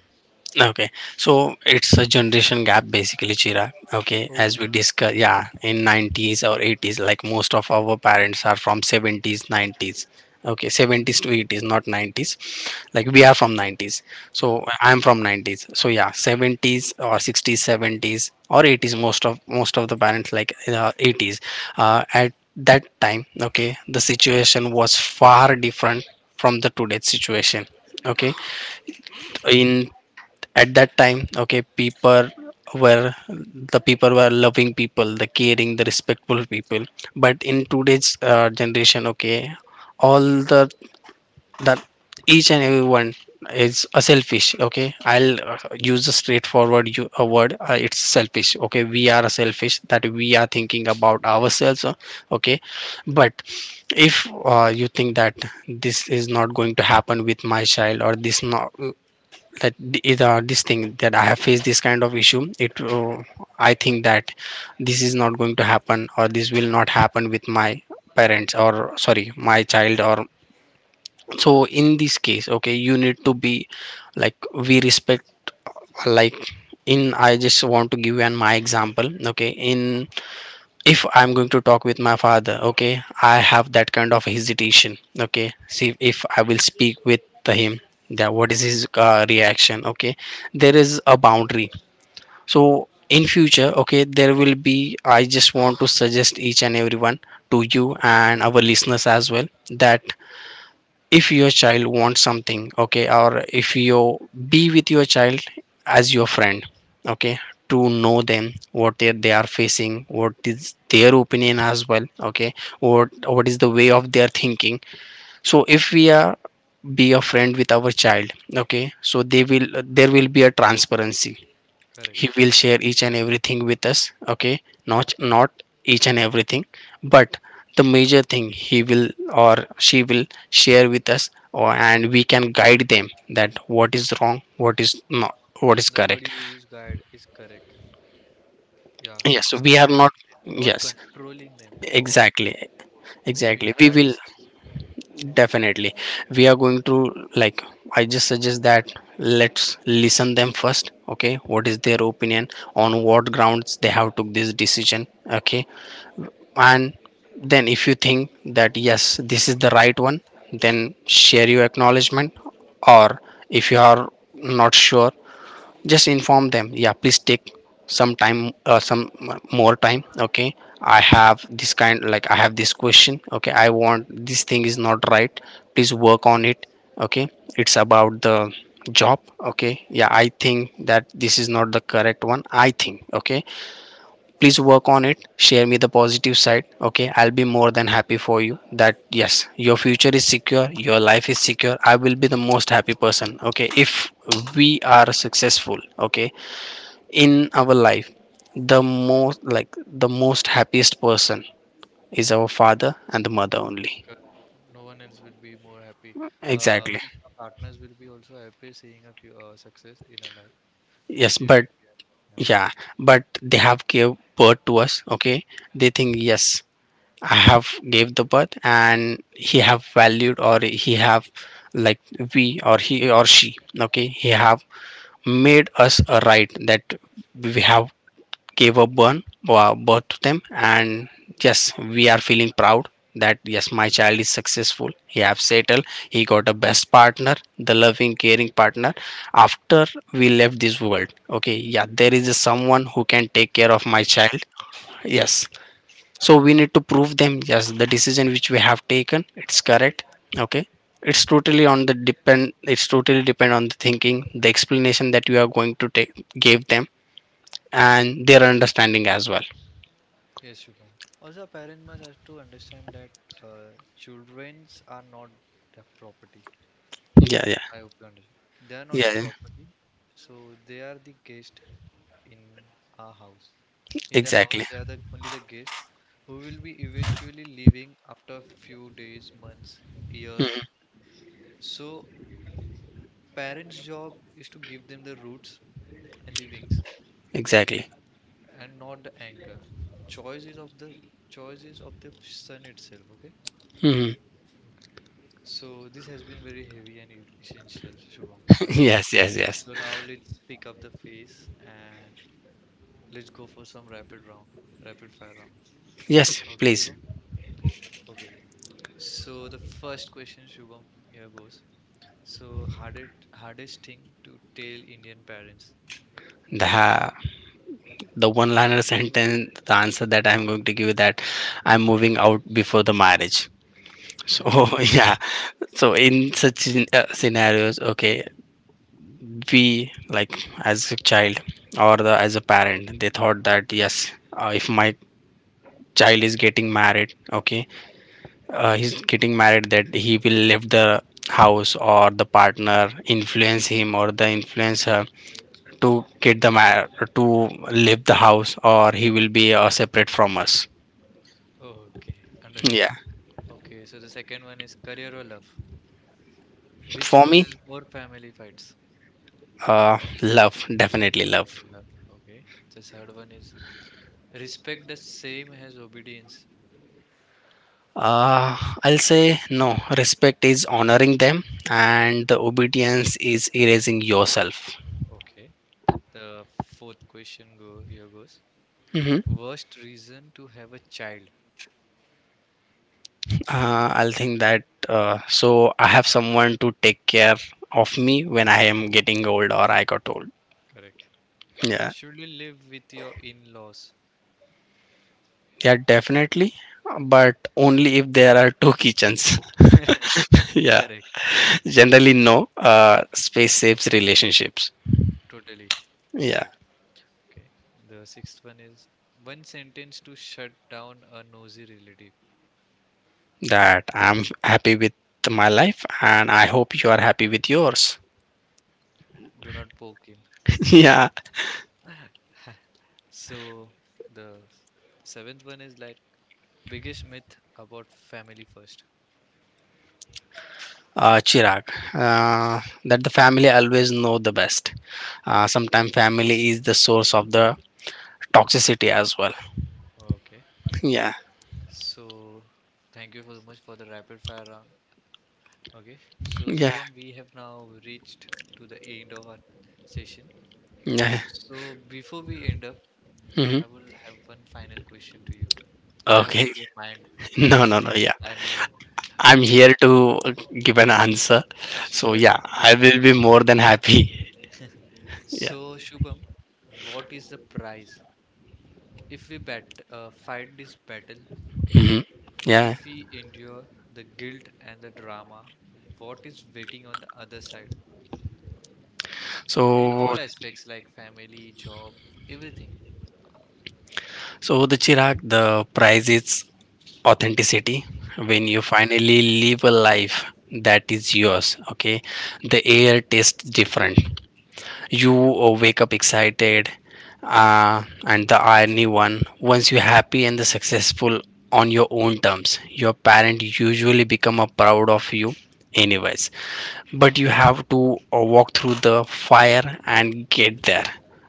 Speaker 2: okay, so it's a generation gap basically, Chira. Okay,
Speaker 1: Oh,
Speaker 2: as we
Speaker 1: yeah,
Speaker 2: discuss, yeah, in nineties or eighties, like most of our parents are from seventies, nineties. Okay, seventies to eighties, not nineties. Like we are from nineties,
Speaker 1: yeah,
Speaker 2: so I'm from nineties. So yeah, seventies or sixties, seventies or eighties. Most of most of the parents like, uh, eighties. Uh, at that time, okay, the situation was far different from the today's situation. Okay, in at that time, okay, people were the people were loving people, the caring, the respectful people. But in today's uh, generation, okay, all the that each and everyone is a selfish. Okay, I'll uh, use a straightforward, you, a word, uh, it's selfish. Okay, we
Speaker 1: uh,
Speaker 2: are selfish that we are thinking about ourselves, uh, okay. But if uh, you think that this is not going to happen with my child, or this not, that th- uh, this thing that I have faced this kind of issue, it uh, I think that this is not going to happen or this will not happen with my parents, or sorry, my child or so, in this case, okay, you need to be, like, we respect, like, in, I just want to give you an my example. Okay, in if I'm going to talk with my father, okay, I have that kind of hesitation. Okay, see if I will speak with him, that what is his uh, reaction. Okay, there is a boundary. So in future, okay, there will be, I just want to suggest each and everyone, to you and our listeners as well, that if your child wants something, okay, or if you be with your child as your friend, okay, to know them what they, they are facing, what is their opinion as well. Okay, what what is the way of their thinking. So if we are be a friend with our child, okay, so they will, there will be a transparency.
Speaker 1: correct.
Speaker 2: He will share each and everything with us. Okay, not not each and everything, but the major thing he will, or she will, share with us, or and we can guide them, that what is wrong, what is not, what is
Speaker 1: The word
Speaker 2: correct.
Speaker 1: you use, guide, is correct. Yeah,
Speaker 2: Yes,
Speaker 1: it's
Speaker 2: we are not.
Speaker 1: guiding them, not
Speaker 2: Yes,
Speaker 1: controlling them or
Speaker 2: exactly.
Speaker 1: giving
Speaker 2: Exactly we
Speaker 1: their
Speaker 2: will.
Speaker 1: decision.
Speaker 2: Definitely, we are going to, like, I just suggest that let's listen them first. Okay, what is their opinion, on what grounds they have took this decision. Okay, and then if you think that yes, this is the right one, then share your acknowledgement, or if you are not sure, just inform them, yeah, please take some time, uh, some more time. Okay, I have this kind, like, I have this question. Okay, I want this thing is not right, please work on it. Okay, it's about the job. Okay, yeah, I think that this is not the correct one, I think. Okay, please work on it, share me the positive side. Okay, I'll be more than happy for you that yes, your future is secure, your life is secure. I will be the most happy person, okay, if we are successful, okay, in our life. The most, like, the most happiest person is our father and the mother only.
Speaker 1: Correct. No one else will be more happy. Uh
Speaker 2: Exactly.
Speaker 1: means our partners will be also happy, seeing a few, uh, success in our life.
Speaker 2: Yes,
Speaker 1: She
Speaker 2: but
Speaker 1: will be happy. Yeah.
Speaker 2: yeah, but they have gave birth to us, okay. They think yes, I have gave the birth, and he have valued or he have, like, we or he or she, okay, he have made us a right that we have gave a born uh, birth to them. And yes, we are feeling proud that yes, my child is successful, he have settled, he got a best partner, the loving caring partner. After we left this world, okay, yeah, there is someone who can take care of my
Speaker 1: Take care of.
Speaker 2: child. Yes, so we need to prove them yes, the decision which we have taken, it's correct. Okay, it's totally on the depend, it's totally depend on the thinking, the explanation that you are going to take, give them, and their understanding as well.
Speaker 1: Yes, Shubham. Also, parents must have to understand that uh, childrens are not their property.
Speaker 2: Yeah, yeah.
Speaker 1: I hope you understand. They are not the
Speaker 2: Yeah, yeah.
Speaker 1: property, so they are the guest in our house. In the house,
Speaker 2: Exactly.
Speaker 1: they are the only the guest who will be eventually leaving after a few days, months, years.
Speaker 2: Mhm.
Speaker 1: So, parents' job is to give them the roots and the wings, okay,
Speaker 2: Exactly.
Speaker 1: and not the anchor. Choice is of the Choice is of the son itself, okay.
Speaker 2: Hmm.
Speaker 1: Okay. So this has been very heavy and e- essential, Shubham. I know.
Speaker 2: Yes, yes, yes.
Speaker 1: So now let's pick up the pace and let's go for some rapid round, rapid fire round.
Speaker 2: Yes,
Speaker 1: Okay,
Speaker 2: please.
Speaker 1: Shubham? Okay. So the first question, Shubham, here goes. So hardest hardest thing to tell Indian parents.
Speaker 2: The the one liner sentence, the answer that I'm going to give, that I'm moving out before the marriage. So yeah, so in such scen- uh, scenarios, okay, we like, as a child or the as a parent, they thought that yes, uh, if my child is getting married, okay, uh, he's getting married, that he will leave the house, or the partner influence him, or the influence her to get the mar- to leave the house, or he will be uh, separate from us.
Speaker 1: Okay, understood.
Speaker 2: Yeah,
Speaker 1: Okay, so the second one is career or love, which
Speaker 2: for me,
Speaker 1: causes more family fights.
Speaker 2: uh, love, definitely
Speaker 1: Okay,
Speaker 2: love.
Speaker 1: love. Okay. The third one is respect the same as obedience.
Speaker 2: Uh, I'll say no. Respect is honoring them, and the obedience is erasing yourself.
Speaker 1: Okay. The fourth question go here goes.
Speaker 2: Hmm.
Speaker 1: Worst reason to have a child.
Speaker 2: Uh, I'll think that uh, so I have someone to take care of me when I am getting old or I got old.
Speaker 1: Correct.
Speaker 2: Yeah,
Speaker 1: Should you live with your in-laws?
Speaker 2: yeah, definitely. But only if there are two kitchens. Yeah,
Speaker 1: Correct.
Speaker 2: generally, no. Uh, space saves relationships.
Speaker 1: Totally
Speaker 2: Yeah,
Speaker 1: agreed. Okay. The sixth one is one sentence to shut down a nosy relative.
Speaker 2: that I'm happy with my life, and I hope you are happy with yours.
Speaker 1: Do not poke him.
Speaker 2: Yeah.
Speaker 1: So the seventh one is like biggest myth about family first.
Speaker 2: uh, Chirag, uh, that the family always know the best. Uh, sometimes family is the source of the toxicity as well.
Speaker 1: Okay.
Speaker 2: Yeah.
Speaker 1: So thank you so much for the rapid fire round. Okay, so
Speaker 2: Yeah,
Speaker 1: Shivam, we have now reached to the end of our session.
Speaker 2: yeah.
Speaker 1: So before we end up,
Speaker 2: Hmm.
Speaker 1: I will have one final question to you. I hope
Speaker 2: Okay.
Speaker 1: you don't mind
Speaker 2: No, no,
Speaker 1: asking
Speaker 2: no.
Speaker 1: the
Speaker 2: Yeah,
Speaker 1: final one.
Speaker 2: I'm
Speaker 1: Okay,
Speaker 2: here to give an answer. So
Speaker 1: sure, you
Speaker 2: yeah,
Speaker 1: have to.
Speaker 2: I will be more than happy. Yeah.
Speaker 1: So Shubham, what is the prize if we bat uh, fight this battle? Okay,
Speaker 2: Hmm. Yeah.
Speaker 1: if we endure the guilt and the drama, what is waiting on the other side in
Speaker 2: so
Speaker 1: all aspects like family, job, everything?
Speaker 2: so the Chirag, the price is authenticity, when you
Speaker 1: Okay.
Speaker 2: finally live a life that is yours. Okay, the air tastes different, you uh, wake up excited, uh, and the irony one, once you're happy and the successful on your own terms, your parent usually become a proud of you anyways. But you have to uh, walk through the fire and get there.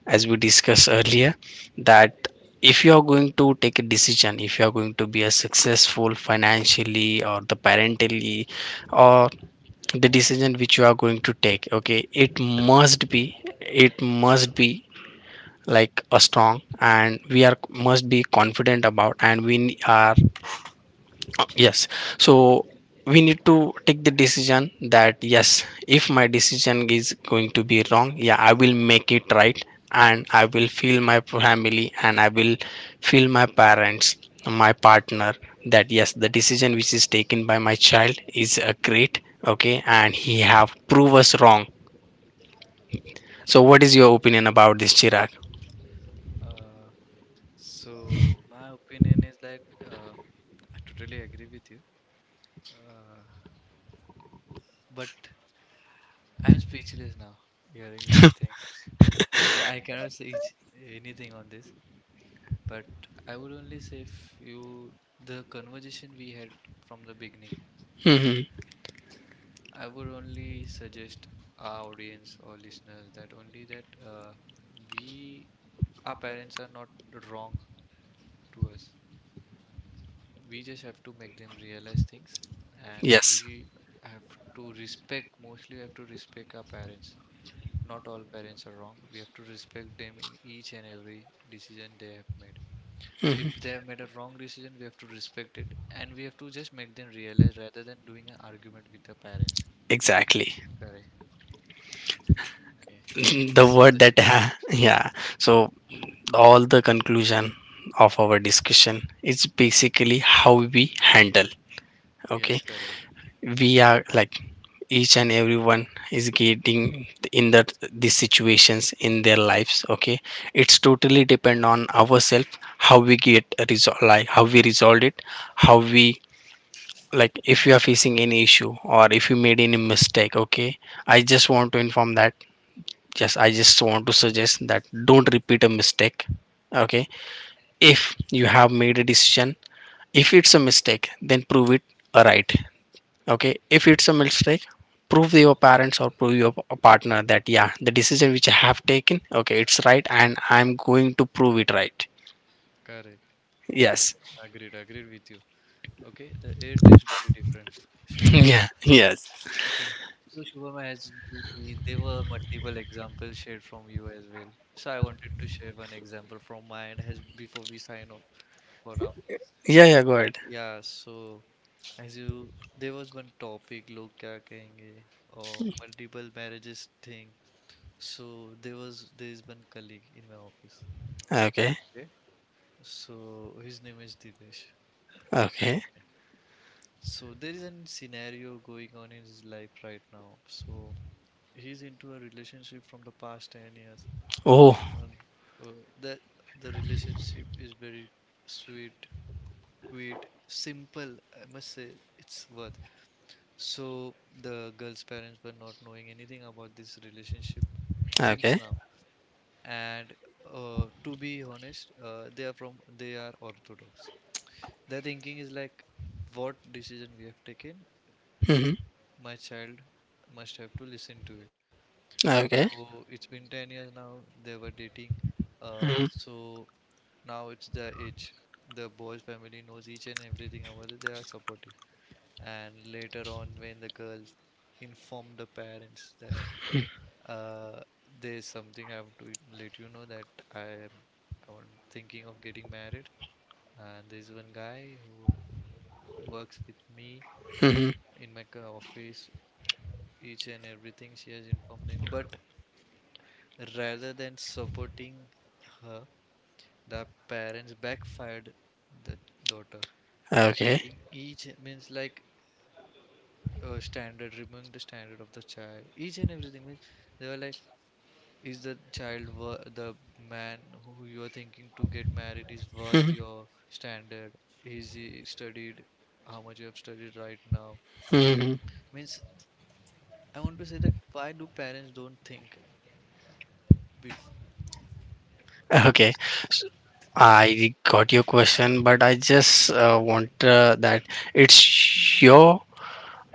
Speaker 2: As we discussed earlier, that if you are going to take a decision, if you are going to be a successful financially, or the parentally, or the decision which you are going to take, okay, it must be it must be like a strong, and we are must be confident about, and we are yes. So we need to take the decision, that yes, if my decision is going to be wrong, yeah, I will make it right. And I will feel my family, and I will feel my parents, my partner, that yes, the decision which is taken by my child is a great. Okay, and he have prove us wrong. So what is your opinion about this, Chirag?
Speaker 1: Uh, So my opinion is like uh, I totally agree with you, uh, but I'm speechless now hearing your thing. I cannot say it- anything on this, but I would only say if you the conversation we had from the beginning,
Speaker 2: Hmm.
Speaker 1: I would only suggest our audience or listeners that only that uh, we our parents are not wrong to us. We just have to make them realize things, and
Speaker 2: Yes.
Speaker 1: we have to respect, mostly we have to respect our parents. Not all parents are wrong. We have to respect them in each and every decision they have made. If
Speaker 2: Hmm.
Speaker 1: they have made a wrong decision, we have to respect it and we have to just make them realize rather than doing an argument with the parents.
Speaker 2: Exactly.
Speaker 1: Correct. Okay,
Speaker 2: The
Speaker 1: so
Speaker 2: word that
Speaker 1: this,
Speaker 2: yeah. So all the conclusion of our discussion is basically how we handle. Okay,
Speaker 1: yes, correct.
Speaker 2: we are like, each and everyone is getting in that these situations in their lives. Okay, it's totally depend on ourselves, how we get resolve, like how we resolve it, how we, like, if you are facing any issue, or if you made any mistake, okay, I just want to inform that, just I just want to suggest that, don't repeat a mistake. Okay, if you have made a decision, if it's a mistake, then prove it a right. Okay, if it's a mistake, prove your parents or prove your p- partner that yeah, the decision which I have taken, okay, it's right, and I'm going to prove it right.
Speaker 1: Correct,
Speaker 2: Yes.
Speaker 1: agreed, agreed with you. Okay, the air tastes very different. Sure.
Speaker 2: Yeah. Yes.
Speaker 1: Okay. So Shubham, as we- there were multiple examples shared from you as well. So I wanted to share one example from my end as before we sign off for now.
Speaker 2: Yeah, yeah, go ahead.
Speaker 1: Yeah, so as you there was one topic log kya kahenge or multiple marriages thing. So there was there is one colleague in my office.
Speaker 2: Okay.
Speaker 1: Okay. So his name is Dipesh.
Speaker 2: Okay.
Speaker 1: Okay. So there is a scenario going on in his life right now. So he's into a relationship from the past ten years,
Speaker 2: Oh,
Speaker 1: and uh, that the relationship is very sweet, quiet, simple. I must say it's worth. So the girl's parents were not knowing anything about this relationship since
Speaker 2: okay.
Speaker 1: now. And uh, to be honest, uh, they are from they are Orthodox. Their thinking is like, what decision we have taken,
Speaker 2: Mm-hmm.
Speaker 1: my child must have to listen to it.
Speaker 2: Okay.
Speaker 1: So it's been ten years now. They were dating.
Speaker 2: Mm-hmm.
Speaker 1: Uh, so now it's the itch. The boy's family knows each and everything about it. They are supportive. And later on, when the girls inform the parents that uh, there's something I have to let you know that I am I'm thinking of getting married, and there's one guy who works with me
Speaker 2: Mm-hmm.
Speaker 1: in my co- office. Each and everything she has informed them, but rather than supporting her, the parents backfired the daughter
Speaker 2: Okay.
Speaker 1: studying each e, means like uh, standard, removing the standard of the child, each and everything. Means they were like, is the child wor- the man who you are thinking to get married is worth
Speaker 2: Mm-hmm.
Speaker 1: your standard? Is he studied? How much you have studied right now?
Speaker 2: Mm-hmm.
Speaker 1: Means I want to say, that why do parents don't think before?
Speaker 2: Okay, I got your question, but I just uh, want uh, that, it's your,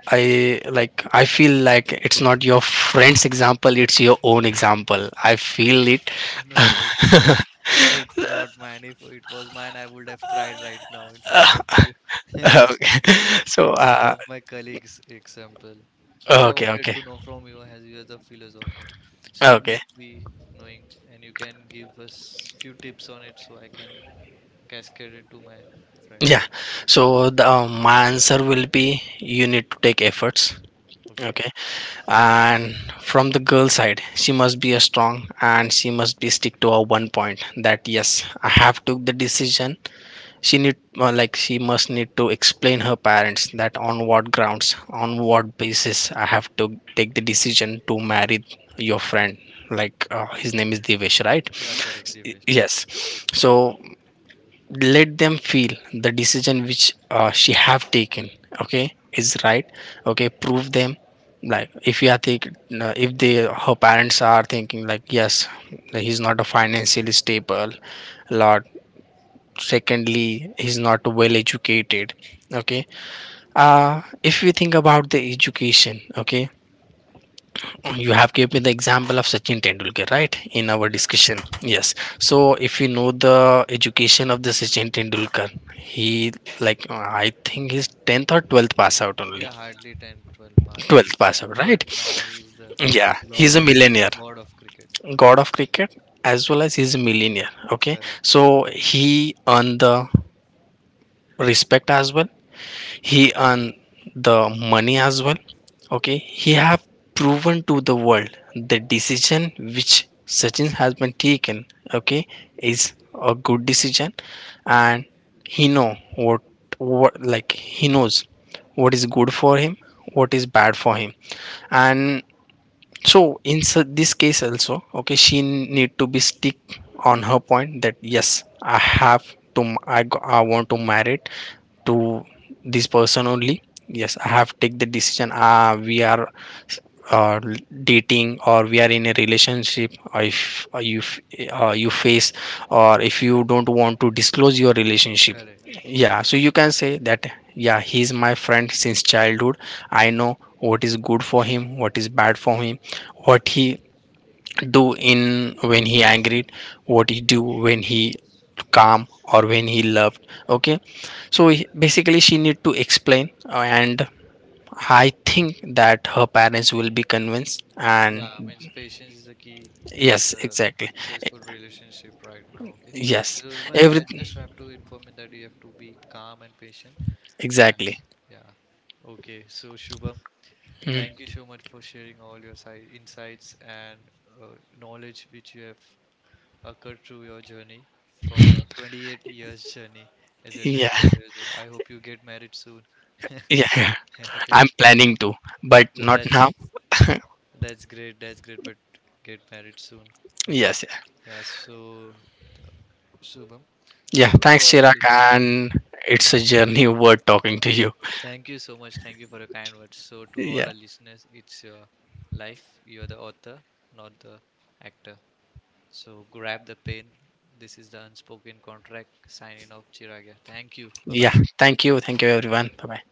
Speaker 2: I, like, I feel like it's not your friend's example, it's your own example. I feel it.
Speaker 1: No, no, it's not. It's not mine. If it was mine, I would have cried right now in front of you.
Speaker 2: Okay. So
Speaker 1: It's one
Speaker 2: uh,
Speaker 1: of my colleagues' example. As I
Speaker 2: okay,
Speaker 1: wanted
Speaker 2: okay,
Speaker 1: to know from you, as you as a philosopher, so you
Speaker 2: okay.
Speaker 1: might be knowing, and you can give us few tips on it, so I can cascade it to my friend.
Speaker 2: Yeah. So the uh, my answer will be, you need to take efforts.
Speaker 1: Okay?
Speaker 2: Okay. And from the girl side, she must be a strong, and she must be stick to her one point that yes, I have took the decision. She need uh, like, she must need to explain her parents that on what grounds, on what basis I have to take the decision to marry your friend. Like, uh, his name is Devesh, right?
Speaker 1: Yeah, correct,
Speaker 2: S-
Speaker 1: Divesh.
Speaker 2: yes. So let them feel the decision which uh, she have taken, okay, is right. Okay, prove them, like if you are think, uh, if they, her parents are thinking like yes, like, he's not a financially stable lot, secondly he's not well educated. Okay, uh if we think about the education, okay, you have gave me the example of Sachin Tendulkar, right, in our
Speaker 1: Yeah,
Speaker 2: discussion. Yes. So if you know the education of the Sachin Tendulkar, he like, uh, I think he's tenth or twelfth pass out only.
Speaker 1: yeah, hardly ten, twelve 12 pass.
Speaker 2: twelfth
Speaker 1: Yeah,
Speaker 2: pass out,
Speaker 1: but
Speaker 2: right.
Speaker 1: now he's the
Speaker 2: Yeah, he's
Speaker 1: lord
Speaker 2: a
Speaker 1: of
Speaker 2: millionaire,
Speaker 1: god of cricket.
Speaker 2: god of cricket. As well as he's a millionaire. Okay,
Speaker 1: Correct,
Speaker 2: so he earned the respect as well, he earn the money as well. Okay, he have proven to the world the decision which Sachin has been taken. Okay, is a good decision. And he know what what like, he knows what is good for him, what is bad for him. And so in su- this case also, okay, she need to be stick on her point that yes, I have to, m- I, go- I want to marry it to this person only. Yes, I have take the decision. Ah, we are uh, dating, or we are in a relationship. Or if uh, you f- uh, you face, or if you don't want to disclose your relationship,
Speaker 1: correct.
Speaker 2: yeah, so you can say that, yeah, he's my friend since childhood. I know what is good for him, what is bad for him, what he do in when he angry, what he do when he calm, or when he loved. Okay, so he- basically she need to explain, uh, and I think that her parents will be convinced. And
Speaker 1: Yeah, means patience is the key to
Speaker 2: yes,
Speaker 1: the
Speaker 2: exactly. E-
Speaker 1: successful relationship right now. Okay,
Speaker 2: yes,
Speaker 1: so but I
Speaker 2: everything
Speaker 1: just have to inform you that you have to be calm and patient. And uh,
Speaker 2: exactly.
Speaker 1: yeah, okay. So Shubham,
Speaker 2: Hmm.
Speaker 1: thank you so much for sharing all your side insights and uh, knowledge which you have occurred through your journey from your twenty-eight years journey as a
Speaker 2: Yeah.
Speaker 1: twenty-eight years old. I hope you get married soon.
Speaker 2: Yeah.
Speaker 1: Okay.
Speaker 2: I'm planning to, but
Speaker 1: Oh,
Speaker 2: not
Speaker 1: that's
Speaker 2: now.
Speaker 1: that's great. That's great. But get married soon. Okay.
Speaker 2: Yes. Yeah.
Speaker 1: Yeah, so Shubham,
Speaker 2: Yeah.
Speaker 1: so to
Speaker 2: Thanks,
Speaker 1: all our
Speaker 2: Chirag.
Speaker 1: li-
Speaker 2: And it's a journey worth talking to you.
Speaker 1: thank you so much, thank you for your kind words. So to all
Speaker 2: Yeah.
Speaker 1: our listeners, it's your life. You're the author, not the actor. So grab the pen. This is the unspoken contract. Signing off, Chiragya. Thank you. Bye bye.
Speaker 2: Yeah. Thank you. Thank you, everyone. Bye bye.